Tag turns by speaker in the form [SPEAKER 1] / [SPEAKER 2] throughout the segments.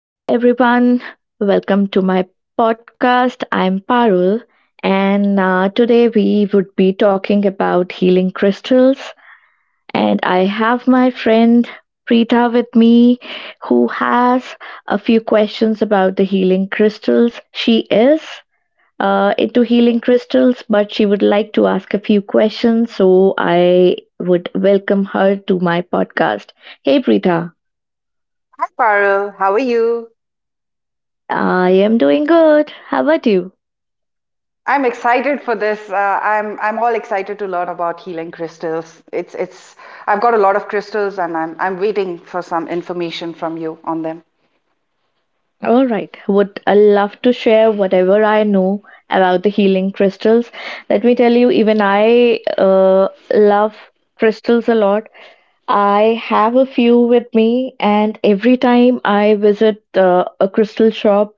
[SPEAKER 1] Hello, everyone. Welcome to my podcast. I'm Parul, and today we would be talking about healing crystals. And I have my friend Preeta with me, who has a few questions about the healing crystals. She is into healing crystals, but she would like to ask a few questions. So I would welcome her to my podcast. Hey, Preeta.
[SPEAKER 2] Hi, Parul. How are you?
[SPEAKER 1] I am doing good. How about you?
[SPEAKER 2] I'm excited for this. I'm all excited to learn about healing crystals. It's I've got a lot of crystals and I'm waiting for some information from you on them.
[SPEAKER 1] All right. Would I love to share whatever I know about the healing crystals. Let me tell you, even I love crystals a lot. I have a few with me, and every time I visit a crystal shop,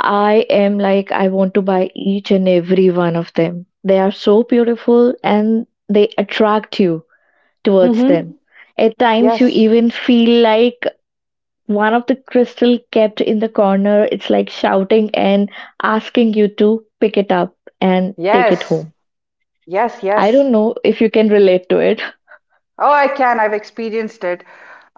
[SPEAKER 1] I am like, I want to buy each and every one of them. They are so beautiful and they attract you towards
[SPEAKER 2] Mm-hmm.
[SPEAKER 1] them. At times, you
[SPEAKER 2] Yes.
[SPEAKER 1] even feel like one of the crystal kept in the corner, it's like shouting and asking you to pick it up and take it
[SPEAKER 2] Yes.
[SPEAKER 1] home.
[SPEAKER 2] Yes,
[SPEAKER 1] I
[SPEAKER 2] yes.
[SPEAKER 1] don't know if you can relate to it.
[SPEAKER 2] Oh, I can. I've experienced it.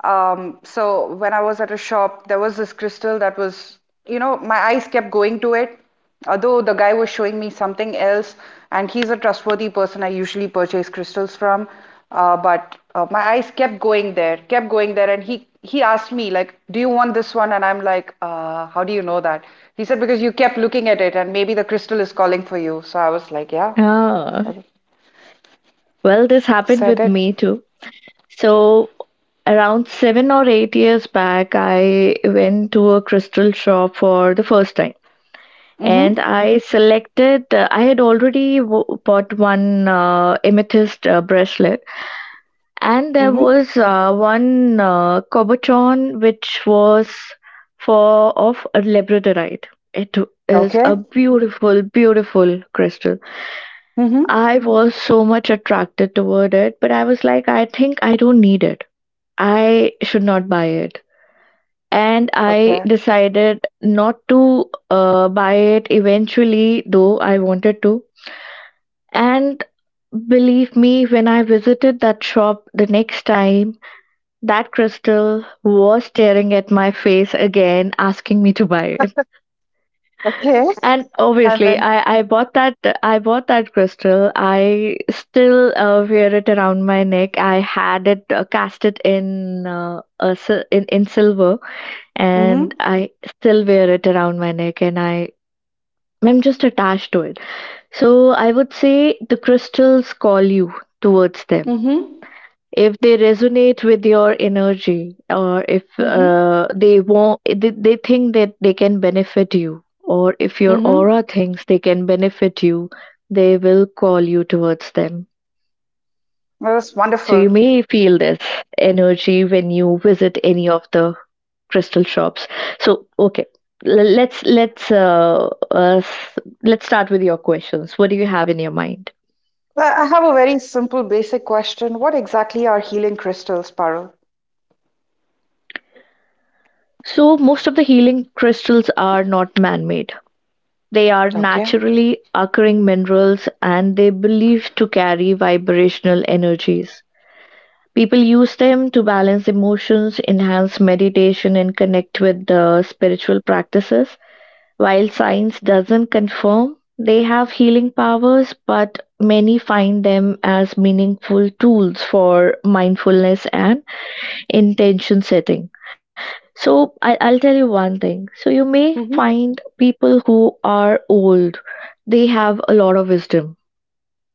[SPEAKER 2] So when I was at a shop, there was this crystal that was my eyes kept going to it. Although the guy was showing me something else, and he's a trustworthy person I usually purchase crystals from. But my eyes kept going there, and he asked me like, "Do you want this one?" And I'm like, "How do you know that?" He said, "Because you kept looking at it, and maybe the crystal is calling for you." So I was like, "Yeah,"
[SPEAKER 1] Ah,
[SPEAKER 2] I
[SPEAKER 1] well, this happened
[SPEAKER 2] said
[SPEAKER 1] with
[SPEAKER 2] it.
[SPEAKER 1] me too. So, around 7 or 8 years back, I went to a crystal shop for the first time. And
[SPEAKER 2] Mm-hmm.
[SPEAKER 1] I selected, I had already w- bought one amethyst bracelet. And there
[SPEAKER 2] Mm-hmm.
[SPEAKER 1] was one Cobotron which was for of a labradorite. It is
[SPEAKER 2] Okay.
[SPEAKER 1] a beautiful, beautiful crystal.
[SPEAKER 2] Mhm.
[SPEAKER 1] I was so much attracted toward it, but I was like, I think I don't need it. I should not buy it. And I
[SPEAKER 2] Okay.
[SPEAKER 1] decided not to buy it eventually, though I wanted to. And believe me, when I visited that shop the next time, that crystal was staring at my face again, asking me to buy it.
[SPEAKER 2] Okay.
[SPEAKER 1] And
[SPEAKER 2] And
[SPEAKER 1] obviously,
[SPEAKER 2] then
[SPEAKER 1] I bought that. I bought that crystal. I still wear it around my neck. I had it cast it in in silver, and
[SPEAKER 2] Mhm.
[SPEAKER 1] I still wear it around my neck. And I'm just attached to it. So I would say the crystals call you towards them
[SPEAKER 2] Mhm.
[SPEAKER 1] if they resonate with your energy, or if
[SPEAKER 2] Mhm.
[SPEAKER 1] they think that they can benefit you, or if your
[SPEAKER 2] Mhm.
[SPEAKER 1] aura thinks they can benefit you, they will call you towards them.
[SPEAKER 2] that's
[SPEAKER 1] So you
[SPEAKER 2] wonderful.
[SPEAKER 1] may feel this energy when you visit any of the crystal shops. So okay, l- let's let's uh, uh s- let's start with your questions. What do you have in your mind?
[SPEAKER 2] I have a very simple, basic question. What exactly are healing crystals, Parul?
[SPEAKER 1] So most of the healing crystals are not man made. They are
[SPEAKER 2] Okay.
[SPEAKER 1] naturally occurring minerals and they believed to carry vibrational energies. People use them to balance emotions, enhance meditation, and connect with the spiritual practices. While science doesn't confirm they have healing powers, but many find them as meaningful tools for mindfulness and intention setting. So I'll tell you one thing. So you may
[SPEAKER 2] Mhm.
[SPEAKER 1] find people who are old, they have a lot of wisdom,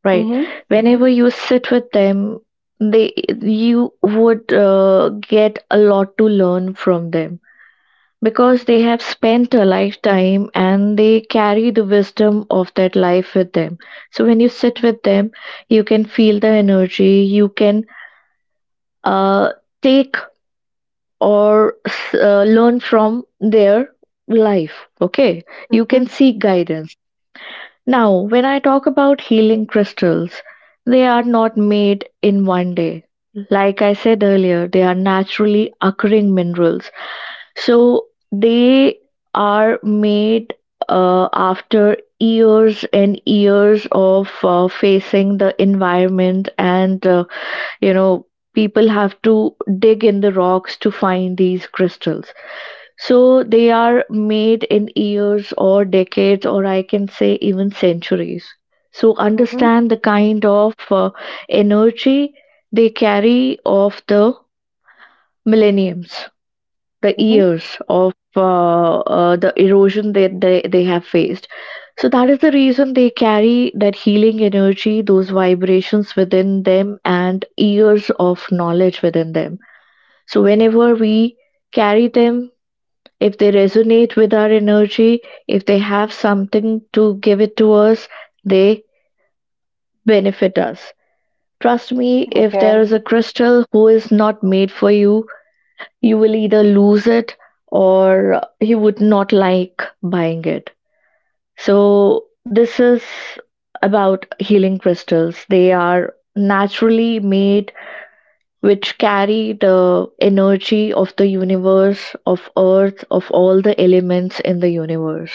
[SPEAKER 1] right?
[SPEAKER 2] Mhm.
[SPEAKER 1] Whenever you sit with them, they you would get a lot to learn from them, because they have spent a lifetime and they carry the wisdom of that life with them. So when you sit with them, you can feel the energy. You can uh, take learn from their life. Okay, you
[SPEAKER 2] Mhm.
[SPEAKER 1] can seek guidance. Now, when I talk about healing crystals, they are not made in one day. Like I said earlier, they are naturally occurring minerals. So they are made after years and years of facing the environment, and you know people have to dig in the rocks to find these crystals. So they are made in years or decades, or I can say even centuries. So
[SPEAKER 2] Mhm.
[SPEAKER 1] understand the kind of energy they carry of the millenniums, the
[SPEAKER 2] Mhm.
[SPEAKER 1] years of the erosion that they have faced. So that is the reason they carry that healing energy, those vibrations within them, and years of knowledge within them. So whenever we carry them, if they resonate with our energy, if they have something to give it to us, they benefit us. Trust me, if there
[SPEAKER 2] Okay.
[SPEAKER 1] is a crystal who is not made for you, you will either lose it, or you would not like buying it. So, this is about healing crystals. They are naturally made, which carry the energy of the universe, of earth, of all the elements in the universe.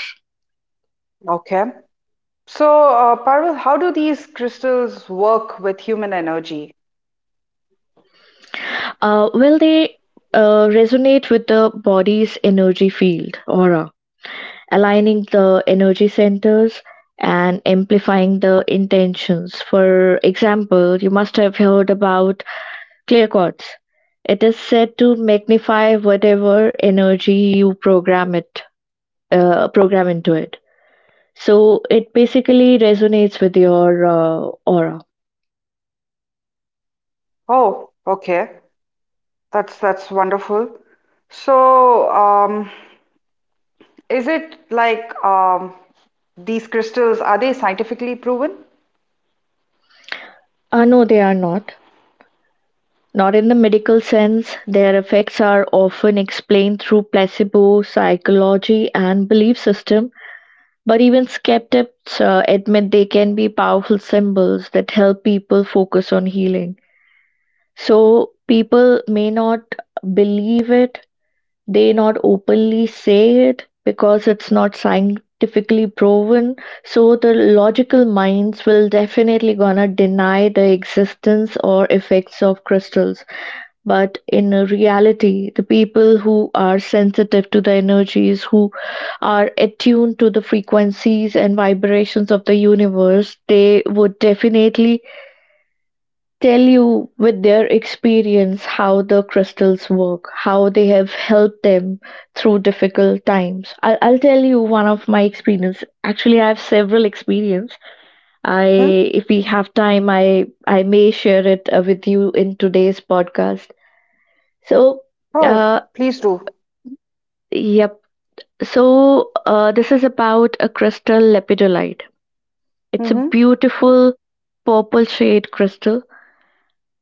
[SPEAKER 2] Okay. So, Parul, how do these crystals work with human energy?
[SPEAKER 1] Will they resonate with the body's energy field, aura? Aligning the energy centers and amplifying the intentions. For example, you must have heard about clear quartz. It is said to magnify whatever energy you program program into it. So it basically resonates with your aura.
[SPEAKER 2] Oh, okay. That's wonderful. So, is it like these crystals, are they scientifically proven?
[SPEAKER 1] No, they are not. Not in the medical sense. Their effects are often explained through placebo, psychology, and belief system. But even skeptics admit they can be powerful symbols that help people focus on healing. So people may not believe it, they not openly say it because it's not scientifically proven. So the logical minds will definitely gonna deny the existence or effects of crystals. But in reality, the people who are sensitive to the energies, who are attuned to the frequencies and vibrations of the universe, they would definitely tell you with their experience how the crystals work, how they have helped them through difficult times. I'll tell you one of my experience. Actually, I have several experience. I,
[SPEAKER 2] Mhm.
[SPEAKER 1] if we have time, I may share it with you in today's podcast. So.
[SPEAKER 2] Oh,
[SPEAKER 1] Uh,
[SPEAKER 2] please do.
[SPEAKER 1] Yep. So this is about a crystal lepidolite. It's a
[SPEAKER 2] Mm-hmm.
[SPEAKER 1] beautiful purple shade crystal,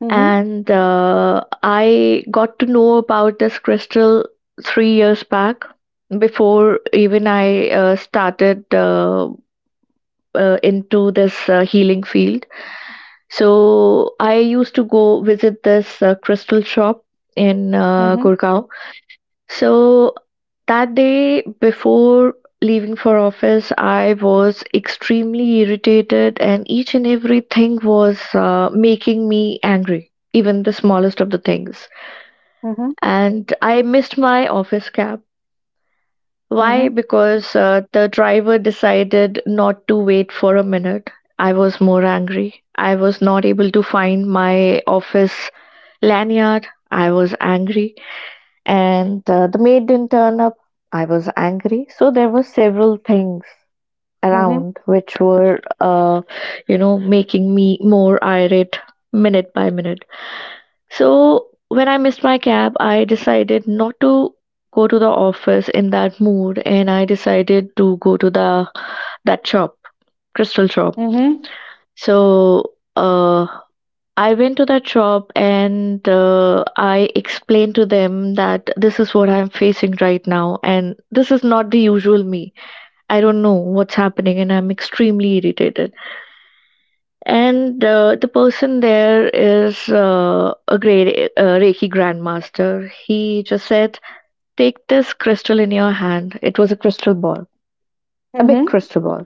[SPEAKER 2] Mm-hmm.
[SPEAKER 1] and I got to know about this crystal 3 years back, before even I started into this healing field. So I used to go visit this crystal shop in
[SPEAKER 2] Mm-hmm.
[SPEAKER 1] Gurgaon. So that day before leaving for office, I was extremely irritated, and each and everything was making me angry, even the smallest of the things.
[SPEAKER 2] Mm-hmm.
[SPEAKER 1] And I missed my office cab. Why?
[SPEAKER 2] Mm-hmm.
[SPEAKER 1] Because the driver decided not to wait for a minute. I was more angry. I was not able to find my office lanyard. I was angry, and the maid didn't turn up. I was angry. So there were several things
[SPEAKER 2] Mm-hmm.
[SPEAKER 1] around which were, making me more irate minute by minute. So when I missed my cab, I decided not to go to the office in that mood, and I decided to go to the that shop, crystal shop.
[SPEAKER 2] Mm-hmm.
[SPEAKER 1] So I went to that shop and I explained to them that this is what I'm facing right now, and this is not the usual me. I don't know what's happening, and I'm extremely irritated. And the person there is a great Reiki grandmaster. He just said, take this crystal in your hand. It was a crystal ball, a big
[SPEAKER 2] Mm-hmm.
[SPEAKER 1] crystal ball.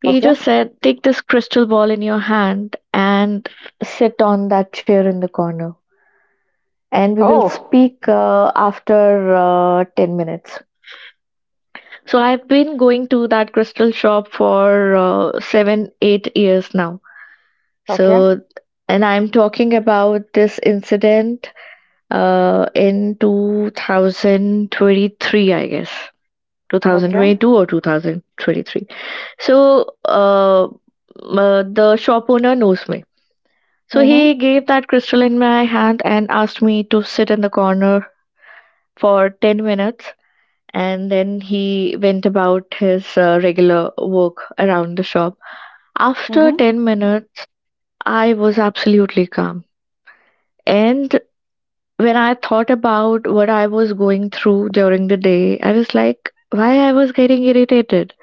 [SPEAKER 1] He
[SPEAKER 2] Okay.
[SPEAKER 1] just said, take this crystal ball in your hand and sit on that chair in the corner, and we will
[SPEAKER 2] Oh,
[SPEAKER 1] speak after 10 minutes. So, I've been going to that crystal shop for seven, 8 years now.
[SPEAKER 2] okay.
[SPEAKER 1] So, and I'm talking about this incident in 2023, I guess.
[SPEAKER 2] Okay.
[SPEAKER 1] 2022 or 2023. So, the shop owner knows me. So he
[SPEAKER 2] Mm-hmm.
[SPEAKER 1] gave that crystal in my hand and asked me to sit in the corner for 10 minutes, and then he went about his regular work around the shop. After
[SPEAKER 2] Mm-hmm.
[SPEAKER 1] 10 minutes, I was absolutely calm. And when I thought about what I was going through during the day, I was like, why I was getting irritated?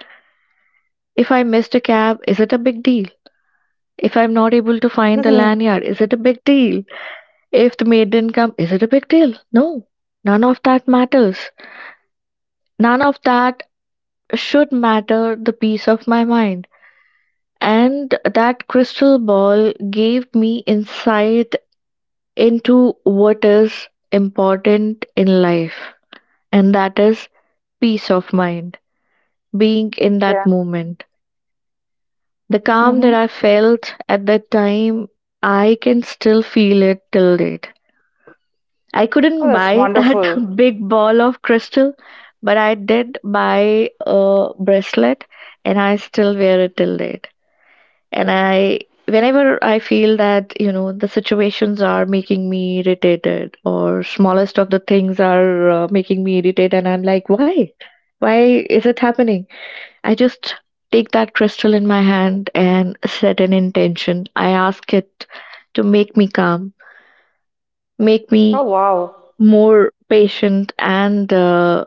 [SPEAKER 1] If I missed a cab, is it a big deal? If I'm not able to find the
[SPEAKER 2] Mhm.
[SPEAKER 1] lanyard, is it a big deal? If the maid didn't come, is it a big deal? No, none of that matters. None of that should matter the peace of my mind. And that crystal ball gave me insight into what is important in life, and that is peace of mind, being in that
[SPEAKER 2] Yeah.
[SPEAKER 1] moment. The calm that
[SPEAKER 2] Mm-hmm.
[SPEAKER 1] I felt at that time, I can still feel it till date. I
[SPEAKER 2] Oh,
[SPEAKER 1] couldn't
[SPEAKER 2] that's
[SPEAKER 1] buy that
[SPEAKER 2] wonderful.
[SPEAKER 1] big ball of crystal, but I did buy a bracelet, and I still wear it till date. And I, whenever I feel that, you know, the situations are making me irritated, or smallest of the things are making me irritated, and I'm like, why is it happening, I just take that crystal in my hand and set an intention. I ask it to make me calm, make
[SPEAKER 2] Oh,
[SPEAKER 1] me
[SPEAKER 2] wow.
[SPEAKER 1] more patient, and uh,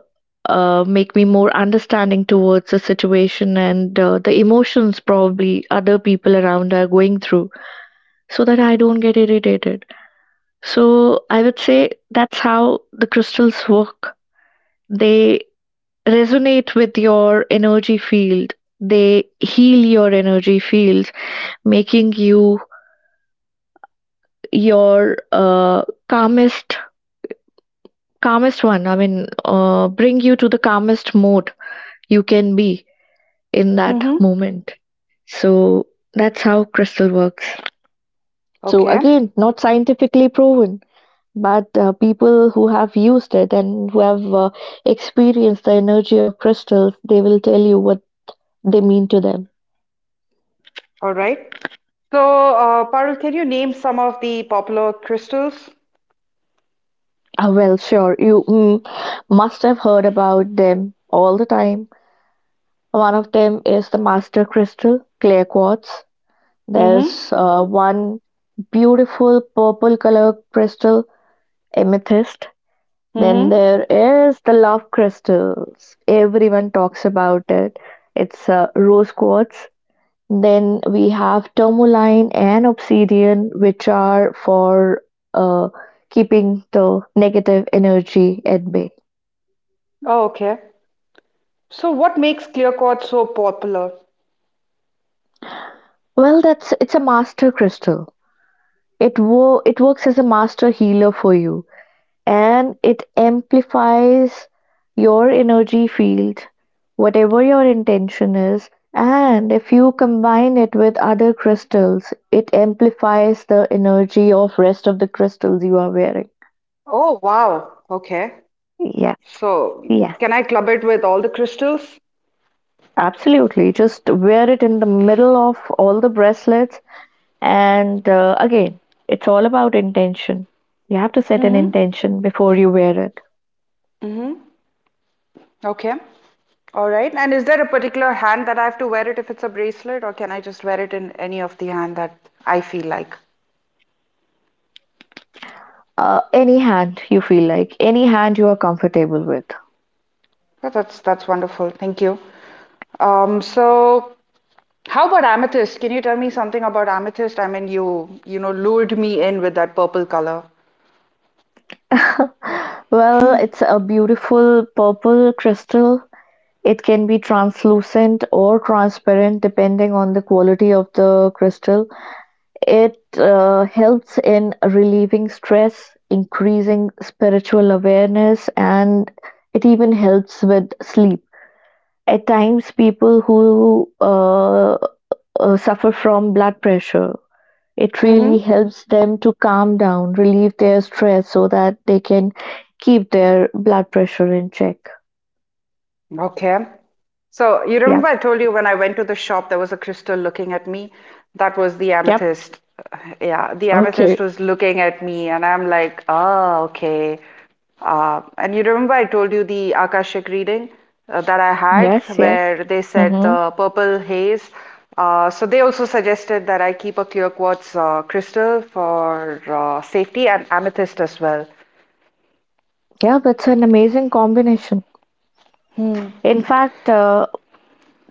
[SPEAKER 1] uh, make me more understanding towards the situation and the emotions probably other people around are going through, so that I don't get irritated. So I would say that's how the crystals work. They resonate with your energy field, they heal your energy fields, making you your calmest calmest one I mean bring you to the calmest mode you can be in that
[SPEAKER 2] Mm-hmm.
[SPEAKER 1] moment. So that's how crystal works. So
[SPEAKER 2] Okay.
[SPEAKER 1] again, not scientifically proven. But people who have used it and who have experienced the energy of crystals, they will tell you what they mean to them.
[SPEAKER 2] All right. So, Parul, can you name some of the popular crystals?
[SPEAKER 1] Ah, well, sure, you must have heard about them all the time. One of them is the master crystal, clear quartz.
[SPEAKER 2] Mm-hmm.
[SPEAKER 1] There's one beautiful purple color crystal, amethyst. Then
[SPEAKER 2] Mm-hmm.
[SPEAKER 1] there is the love crystals. Everyone talks about it. It's rose quartz. Then we have tourmaline and obsidian, which are for uh, keeping the negative energy at bay.
[SPEAKER 2] Oh, okay. So, what makes clear quartz so popular?
[SPEAKER 1] Well, that's it's a master crystal. It works as a master healer for you, and it amplifies your energy field, whatever your intention is. And if you combine it with other crystals, it amplifies the energy of rest of the crystals you are wearing.
[SPEAKER 2] Oh, wow. Okay.
[SPEAKER 1] Yes,
[SPEAKER 2] So,
[SPEAKER 1] yes.
[SPEAKER 2] can I club it with all the crystals?
[SPEAKER 1] Absolutely. Just wear it in the middle of all the bracelets. And again, it's all about intention. You have to set an
[SPEAKER 2] Mm-hmm.
[SPEAKER 1] intention before you wear it.
[SPEAKER 2] Mm-hmm. Okay. All right. And is there a particular hand that I have to wear it if it's a bracelet, or can I just wear it in any of the hand that I feel like?
[SPEAKER 1] Any hand you feel like, any hand you are comfortable with.
[SPEAKER 2] Oh, that's wonderful. Thank you. So how about amethyst? Can you tell me something about amethyst? I mean, you know lured me in with that purple color.
[SPEAKER 1] Well, it's a beautiful purple crystal. It can be translucent or transparent depending on the quality of the crystal. It helps in relieving stress, increasing spiritual awareness, and it even helps with sleep. At times, people who suffer from blood pressure, it really helps them to calm down, relieve their stress so that they can keep their blood pressure in check.
[SPEAKER 2] Okay. So you remember
[SPEAKER 1] Yep,
[SPEAKER 2] I told you when I went to the shop, there was a crystal looking at me. That was the
[SPEAKER 1] yep.
[SPEAKER 2] amethyst. Yeah, the amethyst
[SPEAKER 1] Okay.
[SPEAKER 2] was looking at me, and I'm like, ah, okay. And you remember I told you the Akashic reading that I had,
[SPEAKER 1] Yes, yes.
[SPEAKER 2] where they said
[SPEAKER 1] Mm-hmm.
[SPEAKER 2] the purple haze. So they also suggested that I keep a clear quartz crystal for safety and amethyst as well.
[SPEAKER 1] Yeah, that's an amazing combination.
[SPEAKER 2] Hmm.
[SPEAKER 1] In fact,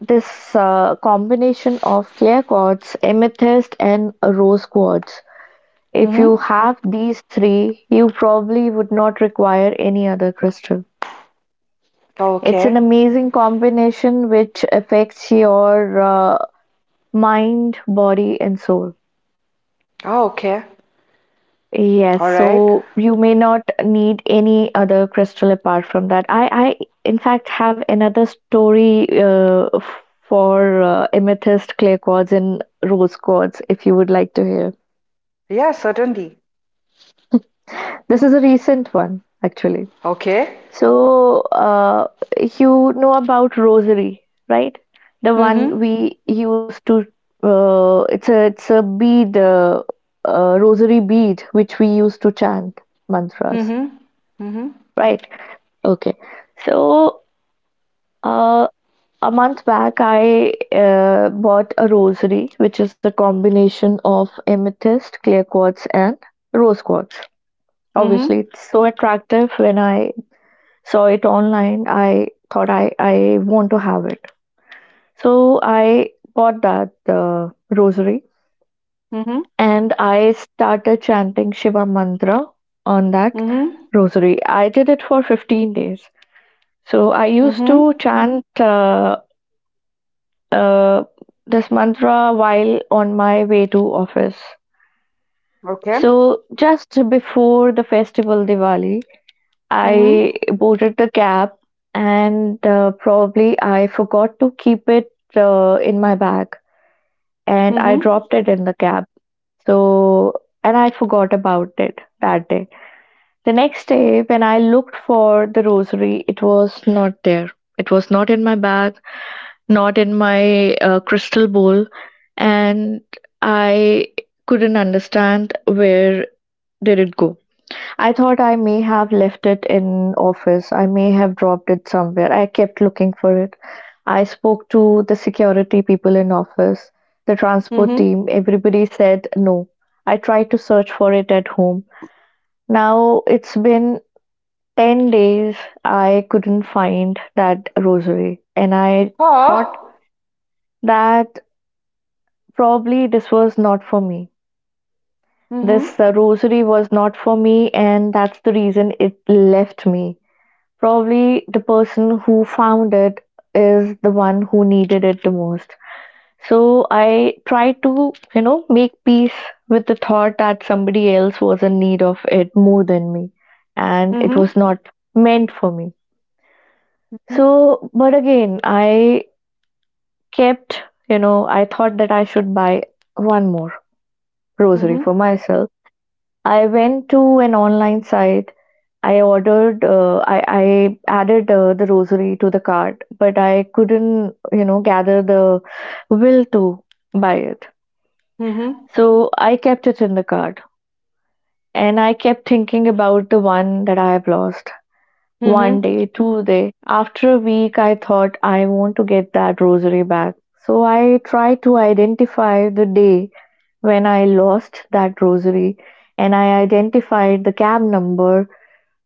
[SPEAKER 1] this combination of clear quartz, amethyst and rose quartz. If you
[SPEAKER 2] Mm-hmm.
[SPEAKER 1] have these three, you probably would not require any other crystal. It's an
[SPEAKER 2] Okay.
[SPEAKER 1] amazing combination which affects your mind, body, and soul.
[SPEAKER 2] Oh, okay.
[SPEAKER 1] Yes,
[SPEAKER 2] All right.
[SPEAKER 1] so you may not need any other crystal apart from that. I in fact have another story for amethyst, clear quartz, and rose quartz if you would like to hear.
[SPEAKER 2] Yeah, certainly.
[SPEAKER 1] This is a recent one, actually.
[SPEAKER 2] Okay.
[SPEAKER 1] So, you know about rosary, right? The one
[SPEAKER 2] Mm-hmm.
[SPEAKER 1] we used to, it's a bead, rosary bead, which we used to chant mantras,
[SPEAKER 2] Mm-hmm. Mm-hmm.
[SPEAKER 1] right? Okay. So, uh, a month back, I bought a rosary, which is a combination of amethyst, clear quartz, and rose quartz.
[SPEAKER 2] Mm-hmm.
[SPEAKER 1] Obviously, it's so attractive when I saw it online. I thought I want to have it. So I bought that rosary
[SPEAKER 2] Mm-hmm.
[SPEAKER 1] and I started chanting Shiva mantra on that
[SPEAKER 2] Mm-hmm.
[SPEAKER 1] rosary. I did it for 15 days. So I used to
[SPEAKER 2] Mm-hmm.
[SPEAKER 1] chant uh, this mantra while on my way to office.
[SPEAKER 2] Okay.
[SPEAKER 1] So just before the festival Diwali,
[SPEAKER 2] Mm-hmm.
[SPEAKER 1] I boarded the cab and probably I forgot to keep it in my bag and I
[SPEAKER 2] Mm-hmm.
[SPEAKER 1] dropped it in the cab. So, and I forgot about it that day. The next day, when I looked for the rosary, it was not there. It was not in my bag, not in my crystal bowl, and I couldn't understand where did it go. I thought I may have left it in office. I may have dropped it somewhere. I kept looking for it. I spoke to the security people in office, the transport
[SPEAKER 2] Mm-hmm.
[SPEAKER 1] team. Everybody said no. I tried to search for it at home. Now it's been 10 days. I couldn't find that rosary. And I thought
[SPEAKER 2] Ah.
[SPEAKER 1] that probably this was not for me.
[SPEAKER 2] Mm-hmm.
[SPEAKER 1] This rosary was not for me, and that's the reason it left me. Probably the person who found it is the one who needed it the most. So I try to, you know, make peace with the thought that somebody else was in need of it more than me and it
[SPEAKER 2] Mm-hmm.
[SPEAKER 1] was not meant for me. So, but again, I kept, you know, I thought that I should buy one more rosary
[SPEAKER 2] Mm-hmm.
[SPEAKER 1] for myself. I went to an online site. I ordered, I added the rosary to the cart, but I couldn't, you know, gather the will to buy it.
[SPEAKER 2] Mm-hmm.
[SPEAKER 1] So I kept it in the cart and I kept thinking about the one that I have lost. One
[SPEAKER 2] Mm-hmm.
[SPEAKER 1] day, two day, after a week, I thought I want to get that rosary back. So I tried to identify the day when I lost that rosary and I identified the cab number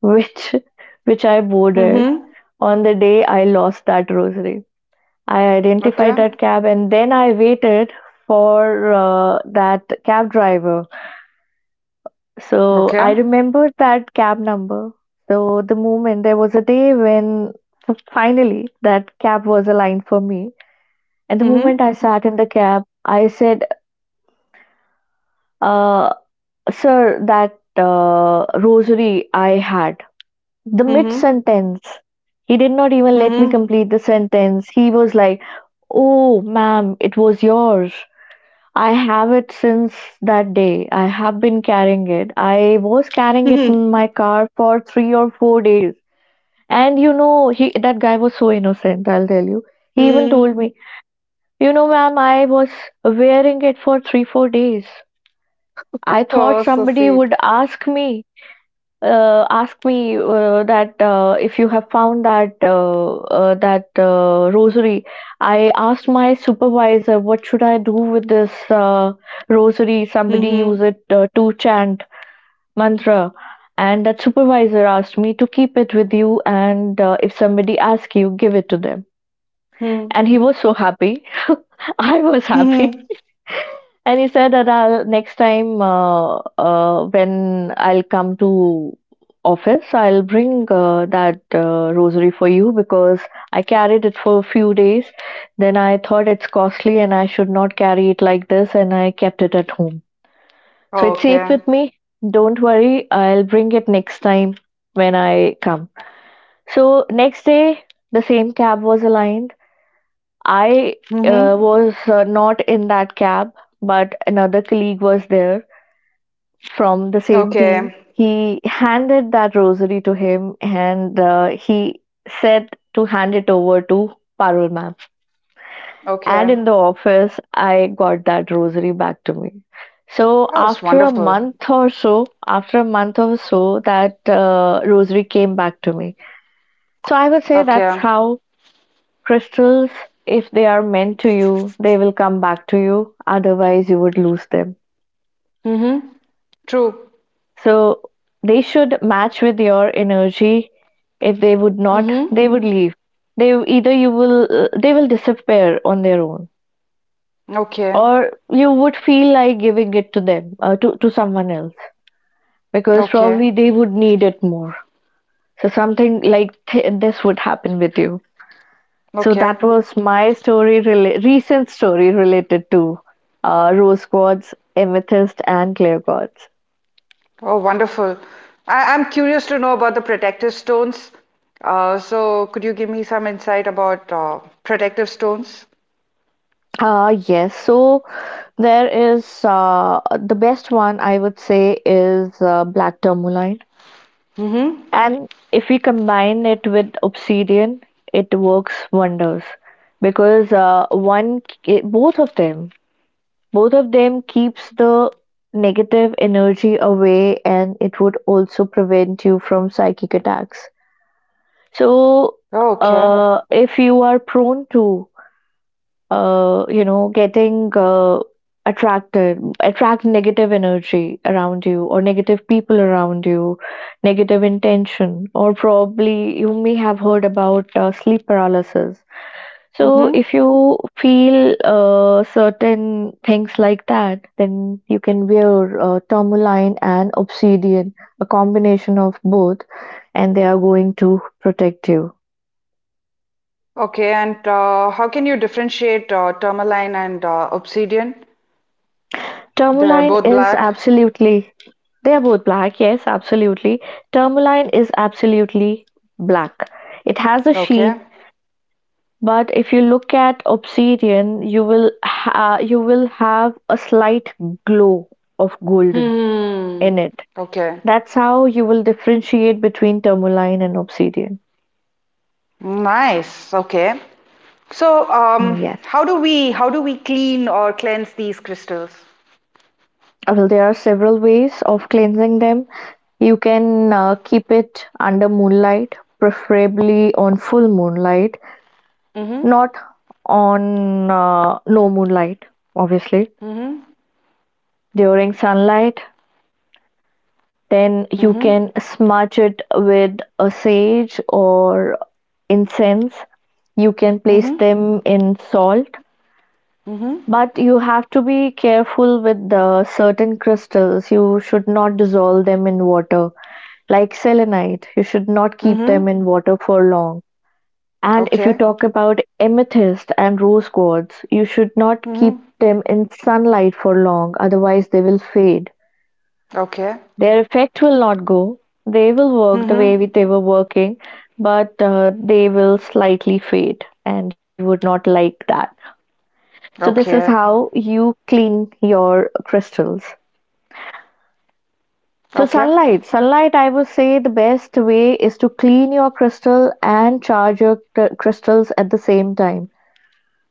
[SPEAKER 1] which which I boarded
[SPEAKER 2] Mm-hmm.
[SPEAKER 1] on the day I lost that rosary. I
[SPEAKER 2] Okay.
[SPEAKER 1] identified that cab and then I waited for that cab driver. So
[SPEAKER 2] Okay.
[SPEAKER 1] I remembered that cab number. So the moment, there was a day when finally that cab was aligned for me. And the
[SPEAKER 2] Mm-hmm.
[SPEAKER 1] moment I sat in the cab, I said, uh, sir, that rosary I had. The mid
[SPEAKER 2] Mm-hmm.
[SPEAKER 1] sentence, he did not even let me
[SPEAKER 2] Mm-hmm.
[SPEAKER 1] complete the sentence. He was like, "Oh, ma'am, it was yours. I have it since that day. I have been carrying it. I was carrying it
[SPEAKER 2] Mm-hmm.
[SPEAKER 1] in my car for 3 or 4 days." And you know, he that guy was so innocent, I'll tell you. He even
[SPEAKER 2] Mm-hmm.
[SPEAKER 1] told me, "You know, ma'am, I was wearing it for three, 4 days. I thought
[SPEAKER 2] Oh, so
[SPEAKER 1] somebody
[SPEAKER 2] sweet.
[SPEAKER 1] would ask me. Asked me that if you have found that that rosary. I asked my supervisor, 'What should I do with this rosary? Somebody use
[SPEAKER 2] Mm-hmm.
[SPEAKER 1] it to chant mantra.' And that supervisor asked me to keep it with you, and if somebody asks you, give it to them."
[SPEAKER 2] Mm-hmm.
[SPEAKER 1] And he was so happy. I was happy.
[SPEAKER 2] Mm-hmm.
[SPEAKER 1] And he said that, "I'll next time when I'll come to office, I'll bring that rosary for you because I carried it for a few days. Then I thought it's costly and I should not carry it like this, and I kept it at home. So it's safe
[SPEAKER 2] Okay.
[SPEAKER 1] with me. Don't worry, I'll bring it next time when I come." So next day, the same cab was aligned. I
[SPEAKER 2] Mm-hmm.
[SPEAKER 1] was not in that cab, but another colleague was there from the same team.
[SPEAKER 2] Okay.
[SPEAKER 1] He handed that rosary to him and he said to hand it over to Parul ma'am. And
[SPEAKER 2] Okay.
[SPEAKER 1] in the office, I got that rosary back to me. So
[SPEAKER 2] Oh, that's
[SPEAKER 1] after a
[SPEAKER 2] wonderful.
[SPEAKER 1] month or so, after a month or so, that rosary came back to me. So I would say
[SPEAKER 2] Okay.
[SPEAKER 1] that's how crystals, if they are meant to you, they will come back to you. Otherwise, you would lose them.
[SPEAKER 2] Mm-hmm. True.
[SPEAKER 1] So they should match with your energy. If they would not,
[SPEAKER 2] Mm-hmm.
[SPEAKER 1] they would leave. They either you will they will disappear on their own,
[SPEAKER 2] Okay.
[SPEAKER 1] or you would feel like giving it to them to someone else because
[SPEAKER 2] Okay.
[SPEAKER 1] probably they would need it more. So something like this would happen with you. So
[SPEAKER 2] Okay.
[SPEAKER 1] that was my story, recent story related to rose quartz, amethyst, and clear quartz.
[SPEAKER 2] Oh, wonderful. I I'm curious to know about the protective stones. So could you give me some insight about protective stones?
[SPEAKER 1] Yes, so there is the best one I would say is black tourmaline,
[SPEAKER 2] Mm-hmm.
[SPEAKER 1] and if we combine it with obsidian, it works wonders because one, both of them keeps the negative energy away, and it would also prevent you from psychic attacks. So,
[SPEAKER 2] Oh, okay.
[SPEAKER 1] if you are prone to, you know, getting attract negative energy around you or negative people around you, negative intention, or probably you may have heard about sleep paralysis. So,
[SPEAKER 2] Mm-hmm.
[SPEAKER 1] if you feel certain things like that, then you can wear tourmaline and obsidian, a combination of both, and they are going to protect you.
[SPEAKER 2] Okay. And how can you differentiate tourmaline and obsidian? They're
[SPEAKER 1] Tourmaline
[SPEAKER 2] both
[SPEAKER 1] is
[SPEAKER 2] black.
[SPEAKER 1] absolutely. They are both black. Yes, absolutely. Tourmaline is absolutely black. It has a sheen,
[SPEAKER 2] Okay.
[SPEAKER 1] but if you look at obsidian, you will you will have a slight glow of golden
[SPEAKER 2] Hmm.
[SPEAKER 1] in it.
[SPEAKER 2] Okay.
[SPEAKER 1] That's how you will differentiate between tourmaline and obsidian.
[SPEAKER 2] Nice. Okay. So,
[SPEAKER 1] Yes.
[SPEAKER 2] how do we clean or cleanse these crystals?
[SPEAKER 1] Well, there are several ways of cleansing them. You can keep it under moonlight, preferably on full moonlight.
[SPEAKER 2] Mm-hmm.
[SPEAKER 1] Not on no moonlight, obviously.
[SPEAKER 2] Mm-hmm.
[SPEAKER 1] During sunlight, then you
[SPEAKER 2] Mm-hmm.
[SPEAKER 1] can smudge it with a sage or incense. You can place
[SPEAKER 2] Mm-hmm.
[SPEAKER 1] them in salt,
[SPEAKER 2] Mm-hmm.
[SPEAKER 1] but you have to be careful with the certain crystals. You should not dissolve them in water, like selenite. You should not keep them
[SPEAKER 2] Mm-hmm.
[SPEAKER 1] in water for long. And if you
[SPEAKER 2] Okay.
[SPEAKER 1] talk about amethyst and rose quartz, you should not keep
[SPEAKER 2] Mm-hmm.
[SPEAKER 1] them in sunlight for long, otherwise, they will fade.
[SPEAKER 2] Okay.
[SPEAKER 1] Their effect will not go. They will work the
[SPEAKER 2] Mm-hmm.
[SPEAKER 1] way they were working, but they will slightly fade, and you would not like that. So, this is
[SPEAKER 2] Okay.
[SPEAKER 1] how you clean your crystals. So,
[SPEAKER 2] Okay.
[SPEAKER 1] sunlight. Sunlight, I would say the best way is to clean your crystal and charge your crystals at the same time.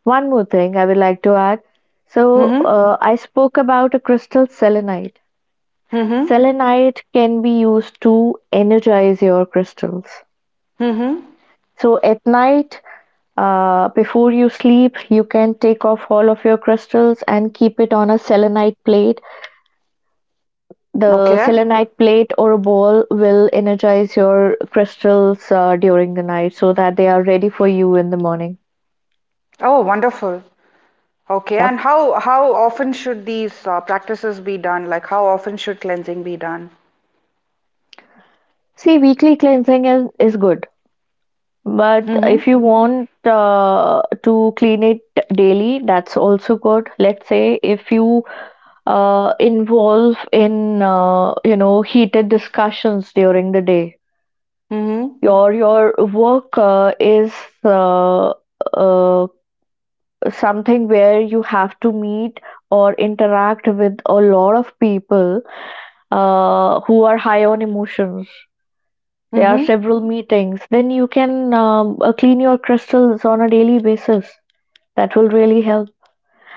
[SPEAKER 1] One more thing I would like to add. So,
[SPEAKER 2] Mm-hmm.
[SPEAKER 1] I spoke about a crystal selenite.
[SPEAKER 2] Mm-hmm.
[SPEAKER 1] Selenite can be used to energize your crystals.
[SPEAKER 2] Mm-hmm.
[SPEAKER 1] So, at night, before you sleep, you can take off all of your crystals and keep it on a selenite plate. The
[SPEAKER 2] Okay.
[SPEAKER 1] selenite plate or a ball will energize your crystals during the night so that they are ready for you in the morning.
[SPEAKER 2] Oh, wonderful. Okay. And
[SPEAKER 1] Yep.
[SPEAKER 2] how often should these practices be done? Like, how often should cleansing be done?
[SPEAKER 1] See, weekly cleansing is good. But
[SPEAKER 2] Mm-hmm.
[SPEAKER 1] if you want to clean it daily, that's also good. Let's say if you involve in heated discussions during the day,
[SPEAKER 2] Mm-hmm.
[SPEAKER 1] your work is uh, uh, something where you have to meet or interact with a lot of people who are high on emotions. There are
[SPEAKER 2] Mm-hmm.
[SPEAKER 1] several meetings. Then you can clean your crystals on a daily basis. That will really help,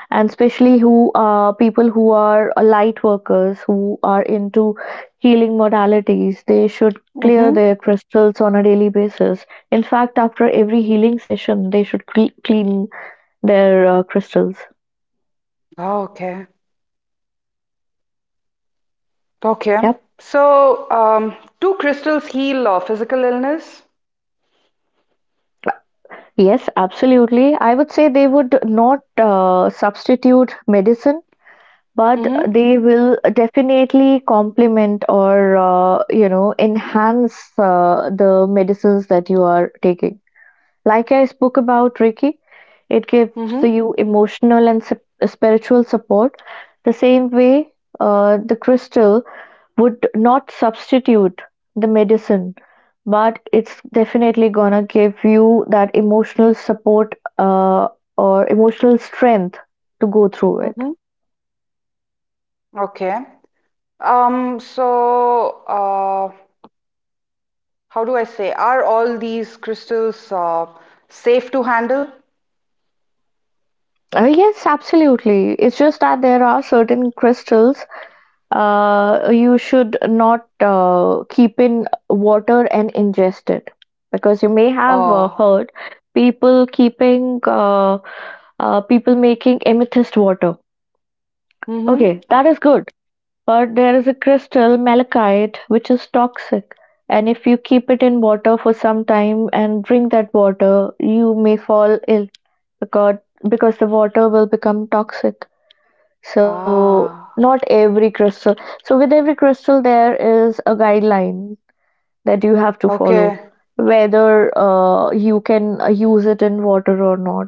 [SPEAKER 1] and especially who people who are light workers who are into healing modalities, they should clear
[SPEAKER 2] Mm-hmm.
[SPEAKER 1] their crystals on a daily basis. In fact, after every healing session, they should clean their crystals.
[SPEAKER 2] Oh, okay. Okay.
[SPEAKER 1] Yep.
[SPEAKER 2] So, do crystals heal physical illness?
[SPEAKER 1] Yes, absolutely. I would say they would not substitute medicine, but
[SPEAKER 2] Mm-hmm.
[SPEAKER 1] they will definitely complement or enhance the medicines that you are taking. Like I spoke about Reiki, it gives
[SPEAKER 2] Mm-hmm.
[SPEAKER 1] you emotional and spiritual support. The same way, the crystal would not substitute the medicine, but it's definitely gonna give you that emotional support, or emotional strength to go through it.
[SPEAKER 2] Mm-hmm. Okay. So, how do I say? Are all these crystals safe to handle?
[SPEAKER 1] Yes, absolutely. It's just that there are certain crystals you should not keep in water and ingest it because you may have
[SPEAKER 2] Oh,
[SPEAKER 1] heard people keeping people making amethyst water.
[SPEAKER 2] Mm-hmm.
[SPEAKER 1] Okay, that is good, but there is a crystal malachite which is toxic, and if you keep it in water for some time and drink that water, you may fall ill because the water will become toxic. So
[SPEAKER 2] ah,
[SPEAKER 1] not every crystal. So with every crystal, there is a guideline that you have to follow,
[SPEAKER 2] okay,
[SPEAKER 1] whether you can use it in water or not,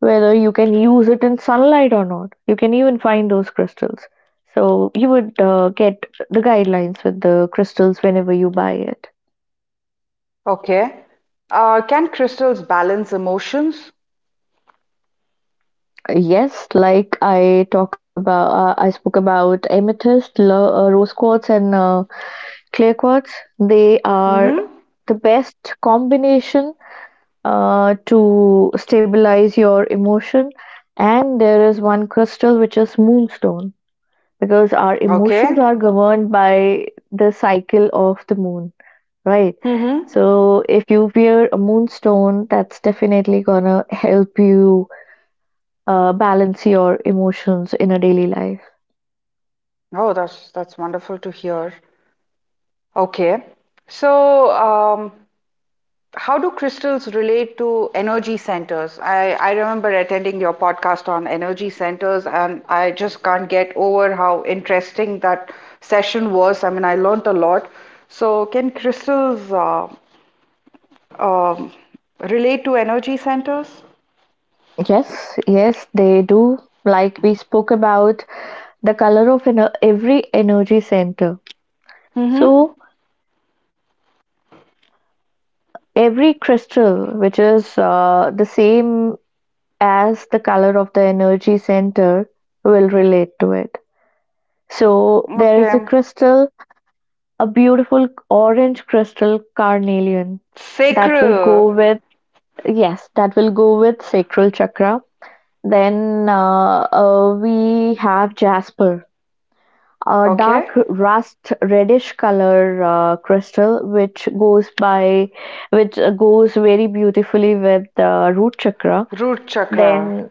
[SPEAKER 1] whether you can use it in sunlight or not. You can even find those crystals. So you would get the guidelines with the crystals whenever you buy it.
[SPEAKER 2] okay. Can crystals balance emotions?
[SPEAKER 1] Yes, like I talk about, I spoke about amethyst, rose quartz, and clear quartz, they are
[SPEAKER 2] Mm-hmm.
[SPEAKER 1] the best combination to stabilize your emotion. And there is one crystal which is moonstone because our emotions
[SPEAKER 2] Okay.
[SPEAKER 1] are governed by the cycle of the moon, right?
[SPEAKER 2] Mm-hmm.
[SPEAKER 1] So if you wear a moonstone, that's definitely gonna help you balance your emotions in a daily life.
[SPEAKER 2] Oh, that's wonderful to hear. Okay. So, how do crystals relate to energy centers? I remember attending your podcast on energy centers, and I just can't get over how interesting that session was. I mean, I learned a lot. So, can crystals um, relate to energy centers?
[SPEAKER 1] Yes, yes, they do. Like we spoke about, the color of every energy center. So
[SPEAKER 2] Mm-hmm.
[SPEAKER 1] every crystal, which is the same as the color of the energy center, will relate to it. So there is a
[SPEAKER 2] Okay.
[SPEAKER 1] crystal, a beautiful orange crystal carnelian that will
[SPEAKER 2] Sacral.
[SPEAKER 1] go with, yes, that will go with sacral chakra. Then we have jasper, a
[SPEAKER 2] Okay.
[SPEAKER 1] dark rust reddish color crystal which goes by which goes very beautifully with the root chakra.
[SPEAKER 2] Root chakra.
[SPEAKER 1] Then,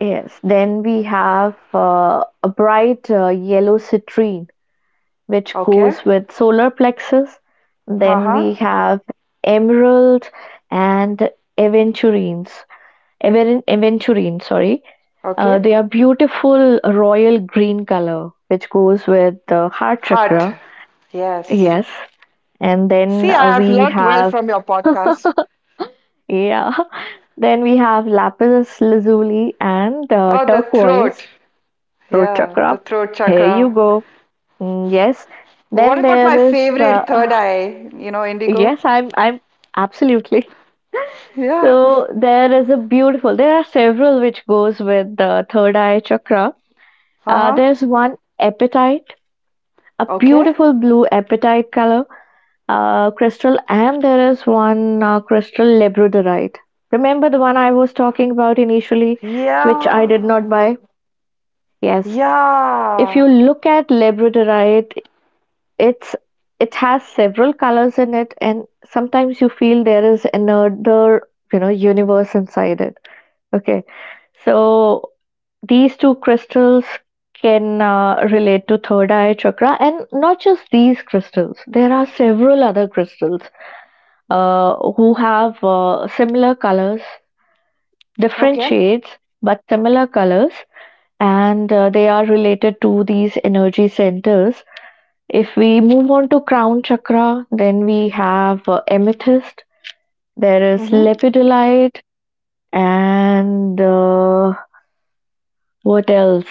[SPEAKER 1] yes, then we have a bright yellow citrine which
[SPEAKER 2] Okay.
[SPEAKER 1] goes with solar plexus. Then
[SPEAKER 2] Uh-huh.
[SPEAKER 1] we have emerald and aventurines aventurine, sorry.
[SPEAKER 2] Okay.
[SPEAKER 1] They are beautiful royal green color which goes with the heart
[SPEAKER 2] Heart.
[SPEAKER 1] chakra.
[SPEAKER 2] Yes.
[SPEAKER 1] Yes. And then
[SPEAKER 2] See, I have
[SPEAKER 1] we
[SPEAKER 2] learned well
[SPEAKER 1] have,
[SPEAKER 2] from your podcast.
[SPEAKER 1] yeah, then we have lapis lazuli and
[SPEAKER 2] Oh, the
[SPEAKER 1] turquoise,
[SPEAKER 2] throat.
[SPEAKER 1] throat
[SPEAKER 2] Yeah, the
[SPEAKER 1] chakra.
[SPEAKER 2] throat
[SPEAKER 1] Here you
[SPEAKER 2] chakra.
[SPEAKER 1] go. Mm, yes.
[SPEAKER 2] What
[SPEAKER 1] Then
[SPEAKER 2] about my
[SPEAKER 1] there is,
[SPEAKER 2] favorite third eye? You know, indigo?
[SPEAKER 1] yes, I'm absolutely.
[SPEAKER 2] Yeah.
[SPEAKER 1] So there is a beautiful, there are several which goes with the third eye chakra.
[SPEAKER 2] Uh-huh.
[SPEAKER 1] There's one epitite, a
[SPEAKER 2] Okay.
[SPEAKER 1] beautiful blue epitite color crystal, and there is one crystal labradorite. Remember the one I was talking about initially, which I
[SPEAKER 2] Yeah.
[SPEAKER 1] did not buy? Yes. If
[SPEAKER 2] Yeah.
[SPEAKER 1] you look at labradorite, it's it has several colors in it, and sometimes you feel there is another universe inside it. Okay, so these two crystals can relate to third eye chakra, and not just these crystals. There are several other crystals who have similar colors, different
[SPEAKER 2] Okay.
[SPEAKER 1] shades, but similar colors, and they are related to these energy centers. If we move on to crown chakra, then we have amethyst, there is
[SPEAKER 2] Mm-hmm.
[SPEAKER 1] lepidolite, and what else?